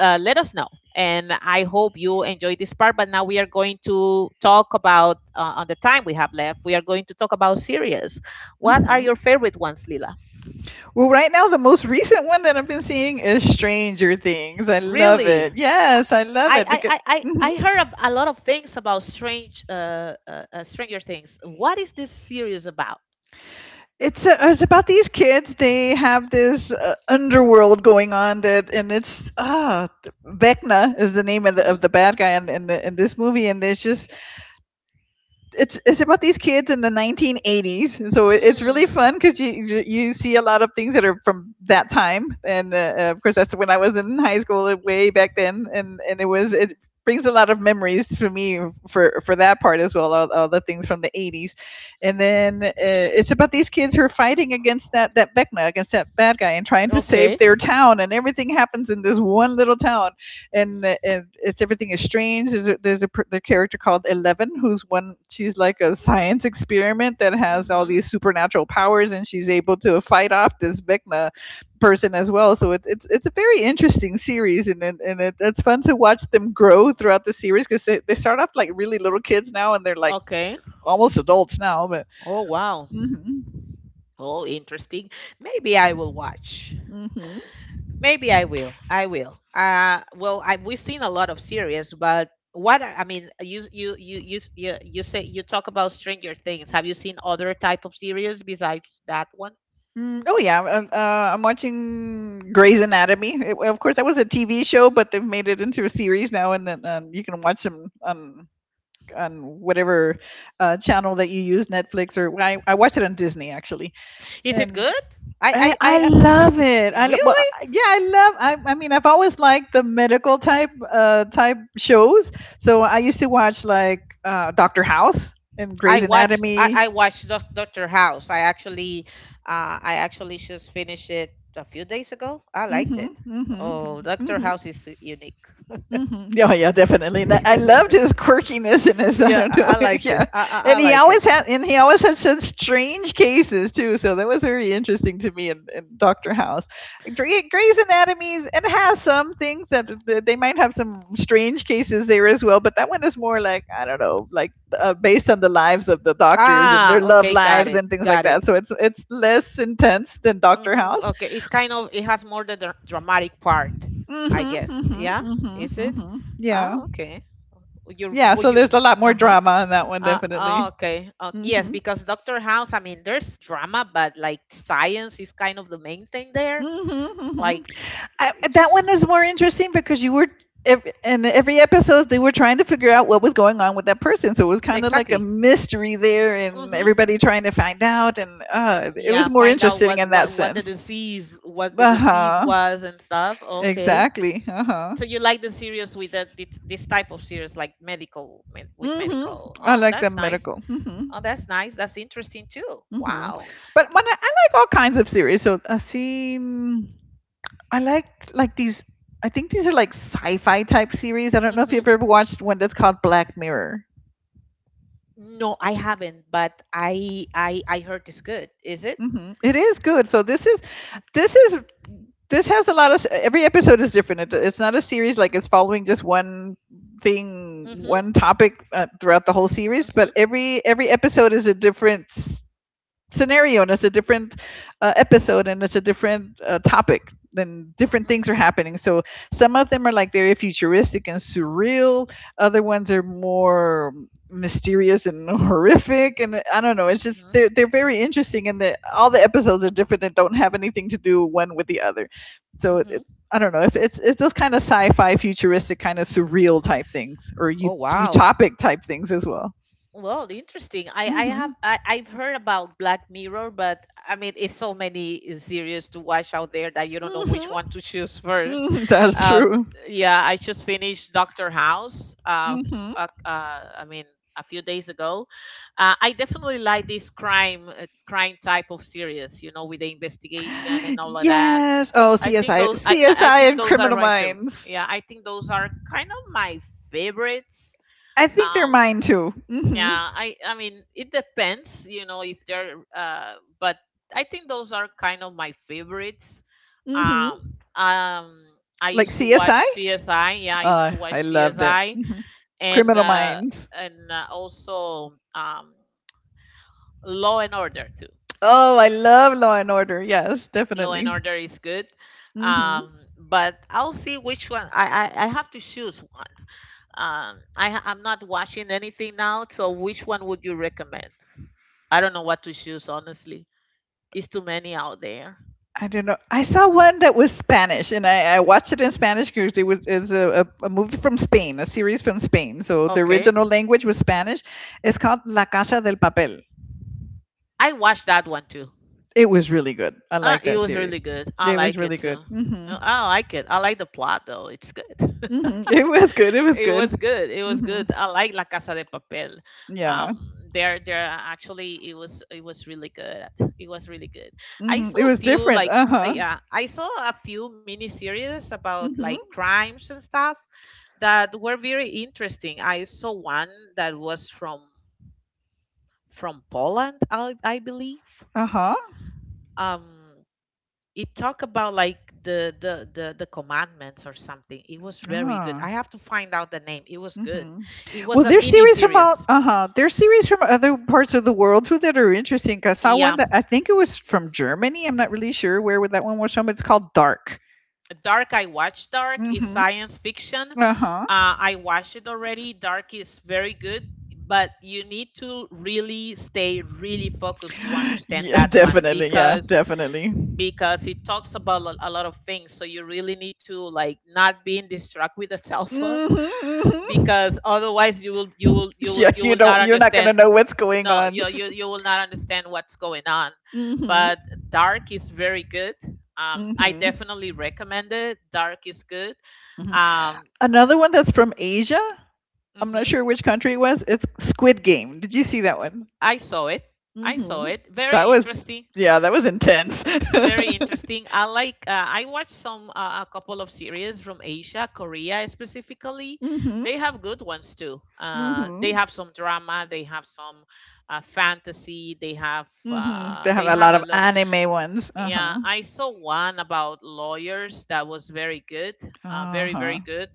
Speaker 1: uh, let us know. And I hope you enjoyed this part. But now we are going to talk about, uh, on the time we have left, we are going to talk about series. What are
Speaker 2: Mhm.
Speaker 1: your favorite ones, Lila?
Speaker 2: Well, right now the most recent one that I've been seeing is Stranger Things. I love
Speaker 1: Really?
Speaker 2: it. Yes, I love
Speaker 1: I,
Speaker 2: it
Speaker 1: I,
Speaker 2: because
Speaker 1: I, I
Speaker 2: mhm.
Speaker 1: I heard ab- a lot of things about strange uh, uh, uh, Stranger Things. What is this series about?
Speaker 2: it's uh it's about these kids. They have this uh, underworld going on that, and it's ah, Vecna is the name of the of the bad guy in in, the, in this movie, and it's just it's it's about these kids in the nineteen eighties so it, it's really
Speaker 1: Mm-hmm.
Speaker 2: fun because you you you see a lot of things that are from that time and uh, uh, of course that's when I was in high school uh, way back then and and it was it brings a lot of memories to me for for that part as well all, all the things from the eighties and then uh, it's about these kids who are fighting against that that Vecna, against that bad guy and trying to save
Speaker 1: Okay.
Speaker 2: their town and everything happens in this one little town and uh, and it's everything is strange. There's a, there's a the character called Eleven, who's one. She's like a science experiment that has all
Speaker 1: Mm-hmm.
Speaker 2: these supernatural powers, and she's able to fight off this Vecna person as well. So it's it's it's a very interesting series, and and, and it, it's fun to watch them grow throughout the series because they, they start off like really little kids now, and they're like
Speaker 1: Okay.
Speaker 2: almost adults now. But
Speaker 1: Oh, wow.
Speaker 2: Hmm.
Speaker 1: Oh, interesting. Maybe I will watch.
Speaker 2: Hmm.
Speaker 1: Maybe I will. I will. Uh, well, I, we've seen a lot of series, but what are- I mean, you you you you s- you you say you talk about Stranger Things. Have you seen other type of series besides that one?
Speaker 2: Mm, oh yeah, um, uh, I'm watching Grey's Anatomy. It, of course, that was a T V show, but they've made it into a series now, and then um, you can watch them on on whatever uh, channel that you use, Netflix or I, I watch it on Disney actually,
Speaker 1: Is it
Speaker 2: and
Speaker 1: good?
Speaker 2: I,
Speaker 1: I I
Speaker 2: I
Speaker 1: I I I heard.
Speaker 2: love it. I lo- well,
Speaker 1: Really?
Speaker 2: I- yeah, I love. I, I mean, I've always liked the medical type uh, type shows, so I used to watch like uh, Doctor House and
Speaker 1: I
Speaker 2: Grey's
Speaker 1: watched I,
Speaker 2: Anatomy.
Speaker 1: I watched Doc- Doctor House. I actually uh I actually just finished it a few days ago. I liked it.
Speaker 2: Mm-hmm. Mm-hmm.
Speaker 1: Oh, Doctor
Speaker 2: Mm-hmm.
Speaker 1: House is unique.
Speaker 2: Mhm. Yeah, yeah, definitely. And I I loved his quirkiness and his I
Speaker 1: Yeah,
Speaker 2: don't
Speaker 1: I,
Speaker 2: know.
Speaker 1: I like it.
Speaker 2: yeah,
Speaker 1: I, I I
Speaker 2: and he
Speaker 1: like it.
Speaker 2: always had and he always had such strange cases too. So that was very interesting to me in, in Doctor House. Dre- Grey's Anatomy is- it has some things that, that they might have some strange cases there as well, but that one is more like I don't know, like uh, based on the lives of the doctors and
Speaker 1: Ah,
Speaker 2: their love
Speaker 1: okay, got
Speaker 2: lives
Speaker 1: it.
Speaker 2: and things like
Speaker 1: Got
Speaker 2: that.
Speaker 1: it.
Speaker 2: So it's it's less intense than Doctor
Speaker 1: Mm,
Speaker 2: House.
Speaker 1: okay, it's kind of, it has more the dra- dramatic part, I
Speaker 2: Mhm.
Speaker 1: guess.
Speaker 2: Mhm.
Speaker 1: Yeah,
Speaker 2: Mhm.
Speaker 1: is it?
Speaker 2: Mhm. Yeah.
Speaker 1: Ah, okay. Would you,
Speaker 2: yeah,
Speaker 1: would
Speaker 2: so there's
Speaker 1: you?
Speaker 2: a lot more
Speaker 1: Uh-huh.
Speaker 2: drama on that one,
Speaker 1: Uh, oh,
Speaker 2: definitely.
Speaker 1: okay. Uh, yes,
Speaker 2: Mm-hmm.
Speaker 1: because Doctor House, I mean, there's drama, but like science is kind of the main thing there.
Speaker 2: Mm-hmm, hmm.
Speaker 1: Like
Speaker 2: I, that
Speaker 1: it's
Speaker 2: one is more interesting because you were, ev- in every episode, they were trying to figure out what was going on with that person. So it was kind of like a
Speaker 1: exactly.
Speaker 2: mystery there, and
Speaker 1: Mm-hmm.
Speaker 2: everybody trying to find out. And uh, it was
Speaker 1: Yeah,
Speaker 2: more
Speaker 1: find out
Speaker 2: interesting
Speaker 1: what,
Speaker 2: in that
Speaker 1: what what the
Speaker 2: sense.
Speaker 1: disease, what the
Speaker 2: Uh
Speaker 1: disease
Speaker 2: huh.
Speaker 1: was and stuff. Okay.
Speaker 2: Exactly. Uh huh.
Speaker 1: So you like the series with the, thi- this type of series, like medical, med, with medical.
Speaker 2: Mm-hmm. I
Speaker 1: Oh,
Speaker 2: like the
Speaker 1: that's nice.
Speaker 2: medical. Mm-hmm.
Speaker 1: Oh, that's nice. That's interesting too.
Speaker 2: Mm-hmm.
Speaker 1: Wow.
Speaker 2: But when I, I like all kinds of series. So I've seen I like like these. I think these are like sci-fi type series. I don't know if you've
Speaker 1: Mm-hmm.
Speaker 2: ever watched one that's called Black Mirror.
Speaker 1: No, I haven't, but I I I heard it's good. Is it?
Speaker 2: Hmm, it is good. So this is this is this has a lot of every episode is different. It, it's not a series like it's following just one thing,
Speaker 1: Mm-hmm.
Speaker 2: one topic uh, throughout the whole series. But every every episode is a different scenario and it's a different uh, episode and it's a different uh, topic. Then different things
Speaker 1: Mm-hmm.
Speaker 2: are happening, so some of them are like very futuristic and surreal. Other ones are more mysterious and horrific, and I don't know, it's just
Speaker 1: Mm-hmm.
Speaker 2: they're, they're very interesting, and the, all the episodes are different and don't have anything to do one with the other. So it,
Speaker 1: Mm-hmm.
Speaker 2: it, I don't know if it's it's those kind of sci-fi futuristic kind of surreal type things or
Speaker 1: Oh,
Speaker 2: ut-
Speaker 1: wow.
Speaker 2: utopic type things as well.
Speaker 1: Well, interesting. I, I have
Speaker 2: Hmm.
Speaker 1: I, I've heard about Black Mirror, but I mean it's so many series to watch out there that you don't know which one
Speaker 2: Hmm.
Speaker 1: to choose first.
Speaker 2: Hmm. That's
Speaker 1: Um,
Speaker 2: true.
Speaker 1: yeah, I just finished Doctor House. Uh,
Speaker 2: Mhm.
Speaker 1: uh, uh, I mean a few days ago. Uh, I definitely like this crime, uh, crime type of series, you know, with the investigation and all of that.
Speaker 2: Yes. Oh,
Speaker 1: I think
Speaker 2: C S I,
Speaker 1: those, I I I
Speaker 2: C S I,
Speaker 1: think
Speaker 2: and
Speaker 1: those are
Speaker 2: Criminal
Speaker 1: my favorite.
Speaker 2: Minds.
Speaker 1: Yeah, I think those are kind of my favorites.
Speaker 2: I think they're
Speaker 1: Um,
Speaker 2: mine too. Mhm.
Speaker 1: yeah, I I mean it depends, you know, if they're uh, but I think those are kind of my favorites. Um
Speaker 2: Mhm.
Speaker 1: um I
Speaker 2: Like
Speaker 1: used to
Speaker 2: C S I.
Speaker 1: watch C S I. Yeah, I used
Speaker 2: Uh,
Speaker 1: to watch
Speaker 2: I loved it.
Speaker 1: C S I
Speaker 2: Mhm.
Speaker 1: and
Speaker 2: Criminal
Speaker 1: uh
Speaker 2: Minds.
Speaker 1: and uh, also um Law and Order too.
Speaker 2: Oh, I love Law and Order. Yes,
Speaker 1: Law and
Speaker 2: definitely.
Speaker 1: Order is good.
Speaker 2: Mhm.
Speaker 1: Um, but I'll see which one. I, I, I have to choose one. Um, I, ha- I'm not watching anything now, so which one would you recommend? I don't know what to choose, honestly. It's too many out there.
Speaker 2: I don't know. I saw one that was Spanish, and I, I watched it in Spanish because it was is a, a, a movie from Spain, a series from Spain. So the
Speaker 1: Okay.
Speaker 2: original language was Spanish. It's called La Casa del Papel.
Speaker 1: I watched that one too.
Speaker 2: It was really good. I
Speaker 1: Uh,
Speaker 2: like
Speaker 1: it
Speaker 2: that
Speaker 1: was really
Speaker 2: series.
Speaker 1: good. I
Speaker 2: It was
Speaker 1: like it
Speaker 2: really good.
Speaker 1: too.
Speaker 2: Mhm.
Speaker 1: Uh, I like it. I like the plot though. It's good.
Speaker 2: Mhm. It was good. It was
Speaker 1: It
Speaker 2: good.
Speaker 1: was good. It was
Speaker 2: Mhm.
Speaker 1: good. I like La Casa de Papel.
Speaker 2: Yeah.
Speaker 1: Um, there, there actually, it was, it was really good. It was really good. I
Speaker 2: Mhm.
Speaker 1: saw
Speaker 2: It was
Speaker 1: a few
Speaker 2: different.
Speaker 1: like, uh,
Speaker 2: Uh-huh.
Speaker 1: yeah, I saw a few miniseries about like
Speaker 2: Mhm.
Speaker 1: crimes and stuff that were very interesting. I saw one that was from from Poland, I, I believe.
Speaker 2: Uh-huh.
Speaker 1: Um, it talk about like the, the the the commandments or something. It was very good.
Speaker 2: Ah.
Speaker 1: I have to find out the name. It was good.
Speaker 2: Mhm.
Speaker 1: It
Speaker 2: Well,
Speaker 1: was a
Speaker 2: there's
Speaker 1: mini
Speaker 2: series from out
Speaker 1: series.
Speaker 2: uh-huh. There's series from other parts of the world too that are interesting. 'Cause I saw one
Speaker 1: Yeah,
Speaker 2: that I think it was from Germany. I'm not really sure where would that one was from. It's called Dark.
Speaker 1: dark. I watched dark. Is
Speaker 2: Mhm.
Speaker 1: science fiction.
Speaker 2: Uh-huh.
Speaker 1: uh, I watched it already. Dark is very good, but you need to really stay really focused to understand
Speaker 2: Yeah,
Speaker 1: that one
Speaker 2: definitely. Yeah,
Speaker 1: because
Speaker 2: definitely.
Speaker 1: because it talks about lo- a lot of things, so you really need to like not being distracted with a cellphone,
Speaker 2: Mhm. Mhm.
Speaker 1: because otherwise you will you will you
Speaker 2: Yeah,
Speaker 1: will you
Speaker 2: you
Speaker 1: will
Speaker 2: don't.
Speaker 1: not
Speaker 2: You're not gonna
Speaker 1: understand.
Speaker 2: know what's
Speaker 1: You
Speaker 2: going
Speaker 1: know,
Speaker 2: on.
Speaker 1: you you, you will not understand what's going on.
Speaker 2: Hmm.
Speaker 1: But dark is very good. um I
Speaker 2: Hmm.
Speaker 1: definitely recommend it. Dark is good.
Speaker 2: Hmm.
Speaker 1: Um,
Speaker 2: Another one that's from Asia. I'm not
Speaker 1: mhm,
Speaker 2: sure which country it was. It's Squid Game. Did you see that one?
Speaker 1: I saw it. I
Speaker 2: Hmm.
Speaker 1: saw it. Very
Speaker 2: That was,
Speaker 1: interesting.
Speaker 2: yeah, that was intense.
Speaker 1: Very interesting. I like. Uh, I watched some uh, a couple of series from Asia, Korea specifically.
Speaker 2: Hmm.
Speaker 1: They have good ones too. Uh, they
Speaker 2: Hmm.
Speaker 1: have some drama. They have some uh, fantasy. They have.
Speaker 2: Hmm. They
Speaker 1: Uh,
Speaker 2: have
Speaker 1: they
Speaker 2: a lot
Speaker 1: have a
Speaker 2: of
Speaker 1: lot.
Speaker 2: anime ones. Uh huh.
Speaker 1: Yeah, I saw one about lawyers that was very good. Uh,
Speaker 2: Uh
Speaker 1: very
Speaker 2: huh.
Speaker 1: very good.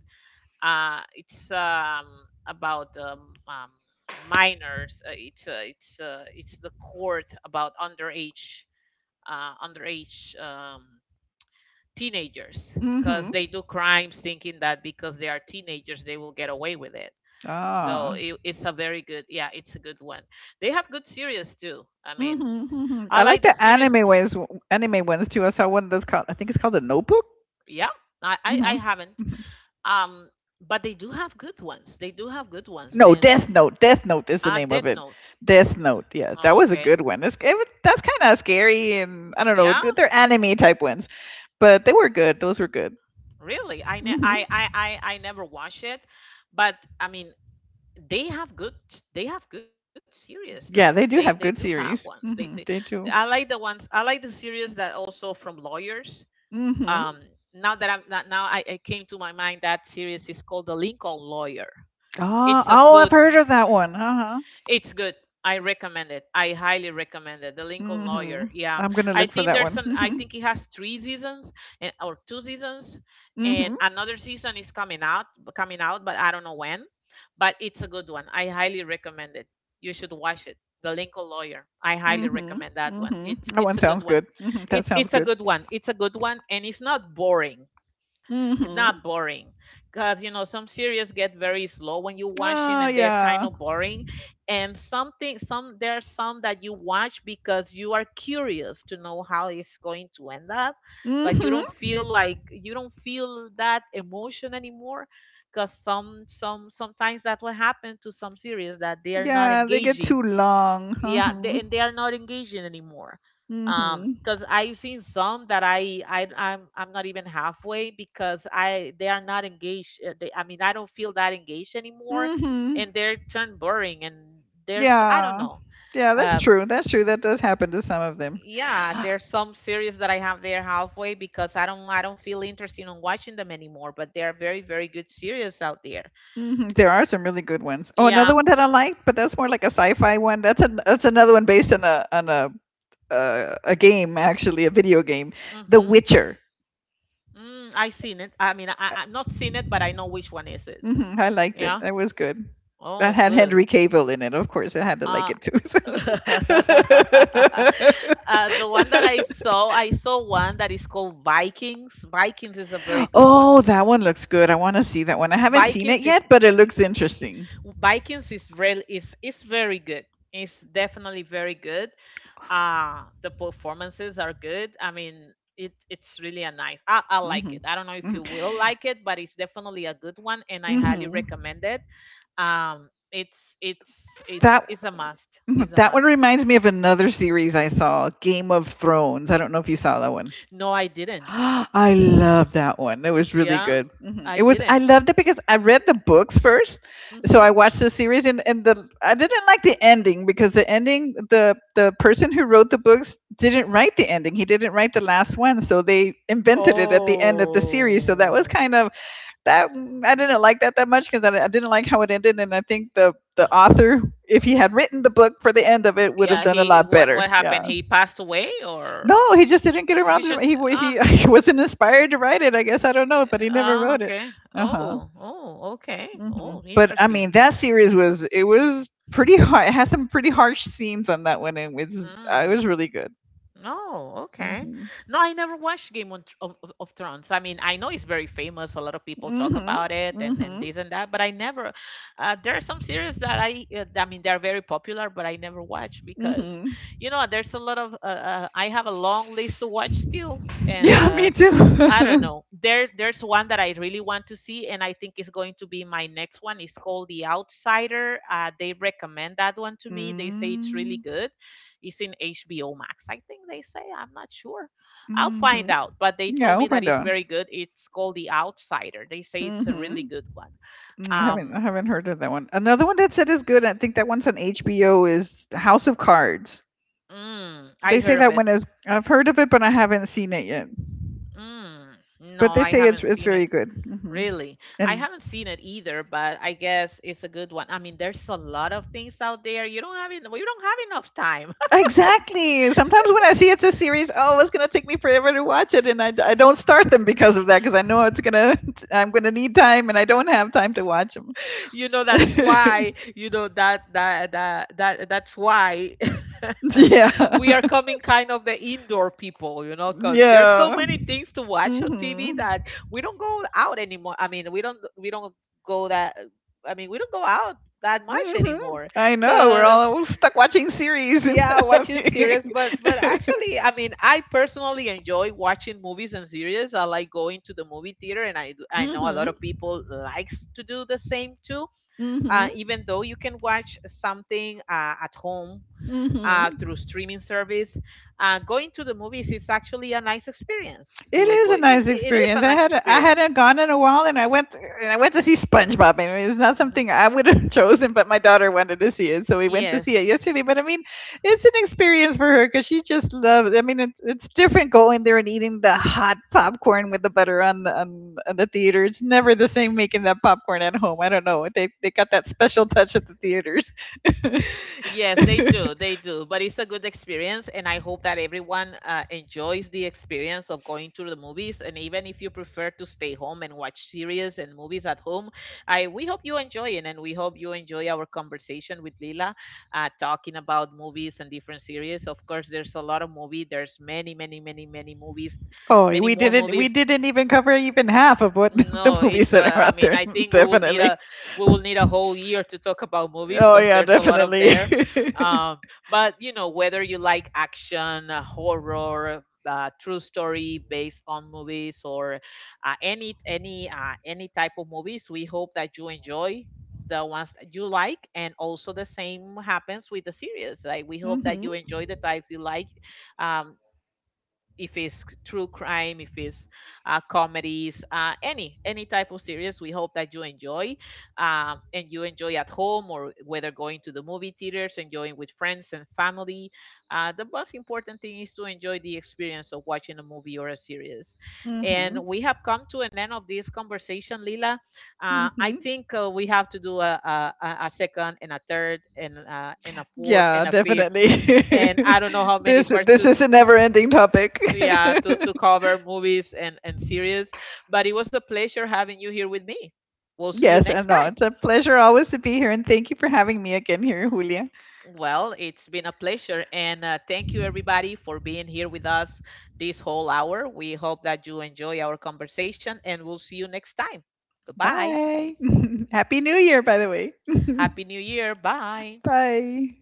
Speaker 1: Uh, it's um, about um, um, minors. Uh, it's uh, it's uh, it's the court about underage uh, underage um, teenagers
Speaker 2: Hmm.
Speaker 1: because they do crimes thinking that because they are teenagers they will get away with it.
Speaker 2: Ah.
Speaker 1: So it, it's a very good. Yeah, it's a good one. They have good series too. I mean,
Speaker 2: Hmm. Hmm. I
Speaker 1: I
Speaker 2: like
Speaker 1: like the
Speaker 2: the
Speaker 1: series.
Speaker 2: anime ones. Anime ones too. I saw one that's called. I think it's called the Notebook.
Speaker 1: Yeah, i i, I
Speaker 2: Hmm.
Speaker 1: haven't. Um, but they do have good ones. They do have good ones.
Speaker 2: No,
Speaker 1: And
Speaker 2: Death
Speaker 1: uh
Speaker 2: Note. Death Note is the
Speaker 1: uh,
Speaker 2: name of
Speaker 1: dead
Speaker 2: it.
Speaker 1: note.
Speaker 2: Death Note. Yeah, that
Speaker 1: Oh,
Speaker 2: was a
Speaker 1: okay.
Speaker 2: good one. It's, it, was- that's kind of scary, and I don't know.
Speaker 1: Yeah,
Speaker 2: th- They're anime type ones, but they were good. Those were good.
Speaker 1: really. I ne-
Speaker 2: Hmm.
Speaker 1: I, I I I never watch it. But I mean, they have good they have good series though. They
Speaker 2: Yeah, they
Speaker 1: they
Speaker 2: do
Speaker 1: do
Speaker 2: have
Speaker 1: have
Speaker 2: good
Speaker 1: ones
Speaker 2: series.
Speaker 1: they, They.
Speaker 2: Hmm. They
Speaker 1: I like
Speaker 2: do.
Speaker 1: the ones. I like the series that also from lawyers.
Speaker 2: Hmm.
Speaker 1: Um now that I'm not now I, I came to my mind that series is called the Lincoln Lawyer.
Speaker 2: Oh,
Speaker 1: it's a
Speaker 2: oh, I've
Speaker 1: good
Speaker 2: heard of that one. Uh huh.
Speaker 1: it's good. I recommend it. I highly recommend it. The Lincoln
Speaker 2: Hmm.
Speaker 1: Lawyer. Yeah.
Speaker 2: I'm gonna
Speaker 1: I
Speaker 2: look for
Speaker 1: think
Speaker 2: that
Speaker 1: there's some. I
Speaker 2: one.
Speaker 1: think it has three seasons and or two seasons,
Speaker 2: Hmm.
Speaker 1: and
Speaker 2: Hmm.
Speaker 1: another season is coming out. Coming out, but I don't know when. But it's a good one. I highly recommend it. You should watch it. The Lincoln Lawyer. I highly
Speaker 2: Hmm.
Speaker 1: recommend that one.
Speaker 2: Hmm.
Speaker 1: It's
Speaker 2: That
Speaker 1: it's
Speaker 2: one
Speaker 1: a good
Speaker 2: sounds
Speaker 1: one.
Speaker 2: good. Hmm. That
Speaker 1: It's
Speaker 2: sounds
Speaker 1: it's a
Speaker 2: good.
Speaker 1: good one. It's a good one and it's not boring. It's
Speaker 2: Hmm.
Speaker 1: not boring because you know some series get very slow when you're watching
Speaker 2: Oh
Speaker 1: and they're kind
Speaker 2: yeah.
Speaker 1: of boring. And something some there are some that you watch because you are curious to know how it's going to end up, but you
Speaker 2: Hmm.
Speaker 1: don't feel like you don't feel that emotion anymore because some some sometimes that's what happened to some series, that they are not
Speaker 2: Yeah, they get too
Speaker 1: engaging.
Speaker 2: long.
Speaker 1: Yeah, they,
Speaker 2: Hmm.
Speaker 1: and they are not engaging anymore. um
Speaker 2: Mhm.
Speaker 1: because I've seen some that i i i'm, I'm not even halfway because I they are not engaged. Uh, they, I mean I don't feel that engaged anymore,
Speaker 2: Mhm.
Speaker 1: and they're turned boring, and there's, I don't
Speaker 2: Yeah.
Speaker 1: know.
Speaker 2: Yeah, that's
Speaker 1: Uh,
Speaker 2: true. That's true. That does happen to some of them.
Speaker 1: yeah, there's some series that I have there halfway because i don't I don't feel interested in watching them anymore, but they are very very good series out there.
Speaker 2: Hmm. There are some really good ones. Oh,
Speaker 1: Yeah.
Speaker 2: another one that I liked, but that's more like a sci-fi one. That's a that's another one based on a on a uh, a game actually, a video game, The
Speaker 1: Mm-hmm.
Speaker 2: Witcher.
Speaker 1: Mm, I've seen it. I mean, I, I've not seen it, but I know which one is it.
Speaker 2: Hmm. I liked it.
Speaker 1: Yeah.
Speaker 2: That was good. That
Speaker 1: Oh,
Speaker 2: had
Speaker 1: good.
Speaker 2: Henry Cavill in it. Of course, I had to like
Speaker 1: Uh,
Speaker 2: it too.
Speaker 1: uh, the one that I saw, I saw one that is called Vikings. Vikings is a very good one.
Speaker 2: Oh, that one looks good. I want to see that one. I haven't seen it
Speaker 1: Vikings is
Speaker 2: yet, but it looks interesting.
Speaker 1: Vikings is real is is very good. It's definitely very good. Uh, the performances are good. I mean, it it's really a nice. I, I like
Speaker 2: Mhm.
Speaker 1: it. I don't know if
Speaker 2: Mhm.
Speaker 1: you will like it, but it's definitely a good one, and I highly
Speaker 2: Mhm.
Speaker 1: recommend it. Um, it's it's it's
Speaker 2: That
Speaker 1: it's a must.
Speaker 2: mhm,
Speaker 1: It's a
Speaker 2: that one
Speaker 1: must.
Speaker 2: reminds me of another series I saw, Game of Thrones. I don't know if you saw that one.
Speaker 1: No, I didn't.
Speaker 2: I love that one. It was really
Speaker 1: Yeah,
Speaker 2: good. Mhm.
Speaker 1: I
Speaker 2: It was. I
Speaker 1: didn't.
Speaker 2: loved it because I read the books first, so I
Speaker 1: Mm-hmm.
Speaker 2: watched the series, and and the I didn't like the ending because the ending the the person who wrote the books didn't write the ending. He didn't write the last one, so they invented it at the end of the series. So that was
Speaker 1: Oh,
Speaker 2: kind of that mm, I didn't like that that much because I, I didn't like how it ended, and I think the the author, if he had written the book for the end of it, would have
Speaker 1: yeah.
Speaker 2: done a
Speaker 1: He,
Speaker 2: lot
Speaker 1: what
Speaker 2: better.
Speaker 1: what
Speaker 2: Yeah,
Speaker 1: happened? He passed away, or
Speaker 2: no, he just didn't get
Speaker 1: he
Speaker 2: around to
Speaker 1: just,
Speaker 2: he he,
Speaker 1: ah,
Speaker 2: he wasn't inspired to write it. I guess I don't know, but he never
Speaker 1: ah,
Speaker 2: wrote it.
Speaker 1: okay.
Speaker 2: Uh huh.
Speaker 1: Oh, oh, okay.
Speaker 2: Hmm.
Speaker 1: Oh,
Speaker 2: But I
Speaker 1: interesting.
Speaker 2: mean, that series was it was pretty hard. It has some pretty harsh scenes on that one, and it was uh, it was
Speaker 1: Mm.
Speaker 2: really good.
Speaker 1: Oh, okay.
Speaker 2: Mm-hmm.
Speaker 1: No, I never watched Game on, of, of of Thrones. I mean, I know it's very famous. A lot of people talk
Speaker 2: Mm-hmm.
Speaker 1: about it and, and
Speaker 2: Mm-hmm.
Speaker 1: this and that, but I never. Uh, there are some series that I, uh, I mean, they're very popular, but I never watch because,
Speaker 2: Mm-hmm.
Speaker 1: you know, there's a lot of. Uh, uh, I have a long list to watch still, and
Speaker 2: Yeah, me
Speaker 1: uh,
Speaker 2: too.
Speaker 1: I don't know. There, there's one that I really want to see, and I think it's going to be my next one. It's called The Outsider. Uh, they recommend that one to me. They say
Speaker 2: Mm-hmm.
Speaker 1: it's really good. It's in H B O Max, I think they say. I'm not sure. I'll find out. But they
Speaker 2: Yeah,
Speaker 1: told
Speaker 2: we'll
Speaker 1: me that
Speaker 2: find
Speaker 1: it's
Speaker 2: out.
Speaker 1: very good. It's called The Outsider. They say it's a really
Speaker 2: Mhm.
Speaker 1: good one.
Speaker 2: Mm, I haven't
Speaker 1: Um,
Speaker 2: I haven't heard of that one. Another one that said is good. I think that one's on H B O is House of Cards.
Speaker 1: mm, I
Speaker 2: They say
Speaker 1: heard of
Speaker 2: that
Speaker 1: it.
Speaker 2: one is. I've heard of it, but I haven't seen it yet.
Speaker 1: Mm, no,
Speaker 2: But they
Speaker 1: I
Speaker 2: say it's
Speaker 1: haven't
Speaker 2: it's
Speaker 1: seen
Speaker 2: very
Speaker 1: it.
Speaker 2: good. Hmm.
Speaker 1: Really? I
Speaker 2: And
Speaker 1: haven't seen it either, but I guess it's a good one. I mean, there's a lot of things out there. You don't have en- well, you don't have enough time.
Speaker 2: exactly. Sometimes when I see it's a series, oh, it's gonna take me forever to watch it, and I, I d- I don't start them because of that because I know it's gonna I'm gonna need time, and I don't have time to watch them.
Speaker 1: You know, that's why, you know, that that that, that that's why
Speaker 2: Yeah.
Speaker 1: we are coming kind of the indoor people, you know, because there's so
Speaker 2: Yeah.
Speaker 1: many things to watch on T V
Speaker 2: Hmm.
Speaker 1: that we don't go out anymore. I mean, we don't we don't go that I mean, we don't go out that much
Speaker 2: Hmm.
Speaker 1: anymore
Speaker 2: I know. We're
Speaker 1: because
Speaker 2: all stuck watching series and
Speaker 1: yeah watching
Speaker 2: nothing.
Speaker 1: series, but but actually, I mean, I personally enjoy watching movies and series. I like going to the movie theater, and i I know a
Speaker 2: Hmm.
Speaker 1: lot of people likes to do the same too.
Speaker 2: Hmm.
Speaker 1: uh, even though you can watch something uh, at home,
Speaker 2: Hmm.
Speaker 1: uh, through streaming service, uh, going to the movies is actually a nice experience.
Speaker 2: It
Speaker 1: You
Speaker 2: is
Speaker 1: enjoy
Speaker 2: a
Speaker 1: it.
Speaker 2: nice
Speaker 1: It is
Speaker 2: experience.
Speaker 1: a
Speaker 2: I
Speaker 1: nice
Speaker 2: had I
Speaker 1: experience.
Speaker 2: hadn't gone in a while, and I went and I went to see SpongeBob. I mean, it's not
Speaker 1: Hmm.
Speaker 2: something I would have chosen, but my daughter wanted to see it, so we went to see
Speaker 1: Yes.
Speaker 2: it yesterday. But I mean, it's an experience for her because she just loves. I mean, it's it's different going there and eating the hot popcorn with the butter on the on, on the theater. It's never the same making that popcorn at home. I don't know. They they got that special touch at the theaters.
Speaker 1: Yes, they do. They do. But it's a good experience, and I hope that everyone uh, enjoys the experience of going to the movies. And even if you prefer to stay home and watch series and movies at home, I we hope you enjoy it, and we hope you enjoy our conversation with Lila, uh, talking about movies and different series. Of course, there's a lot of movie. There's many, many, many, many movies,
Speaker 2: Oh,
Speaker 1: many
Speaker 2: we
Speaker 1: more
Speaker 2: didn't we
Speaker 1: movies.
Speaker 2: didn't even cover even half of what the
Speaker 1: No,
Speaker 2: movies
Speaker 1: it's
Speaker 2: that
Speaker 1: uh,
Speaker 2: are
Speaker 1: I
Speaker 2: out
Speaker 1: mean,
Speaker 2: there.
Speaker 1: I think we will need
Speaker 2: Definitely.
Speaker 1: a we will need a whole year to talk about movies
Speaker 2: Oh
Speaker 1: because
Speaker 2: yeah,
Speaker 1: there's a lot of
Speaker 2: definitely.
Speaker 1: there. Um, but you know, whether you like action, uh, horror, uh, true story based on movies, or uh, any any uh, any type of movies, we hope that you enjoy the ones that you like, and also the same happens with the series. Like we hope that
Speaker 2: Mhm.
Speaker 1: you enjoy the types you like, um, if it's true crime, if it's uh, comedies, uh, any any type of series. We hope that you enjoy, um, and you enjoy at home or whether going to the movie theaters, enjoying with friends and family. Uh, the most important thing is to enjoy the experience of watching a movie or a series. And
Speaker 2: Mhm.
Speaker 1: we have come to an end of this conversation, Lila. Uh, I
Speaker 2: Mhm.
Speaker 1: think uh, we have to do a, a, a a second and a third and uh, and a fourth
Speaker 2: Yeah,
Speaker 1: and a fifth,
Speaker 2: definitely.
Speaker 1: and I don't know how many
Speaker 2: this
Speaker 1: parts
Speaker 2: this is a never-ending topic.
Speaker 1: yeah to to cover movies and and series, but it was a pleasure having you here with me. We'll see you
Speaker 2: Yes,
Speaker 1: next
Speaker 2: and no,
Speaker 1: time.
Speaker 2: it's a pleasure always to be here, and thank you for having me again here, Julia.
Speaker 1: Well, it's been a pleasure, and uh, thank you everybody for being here with us this whole hour. We hope that you enjoy our conversation, and we'll see you next time. Goodbye.
Speaker 2: Bye. Happy New Year, by the way.
Speaker 1: Happy New Year. Bye.
Speaker 2: Bye.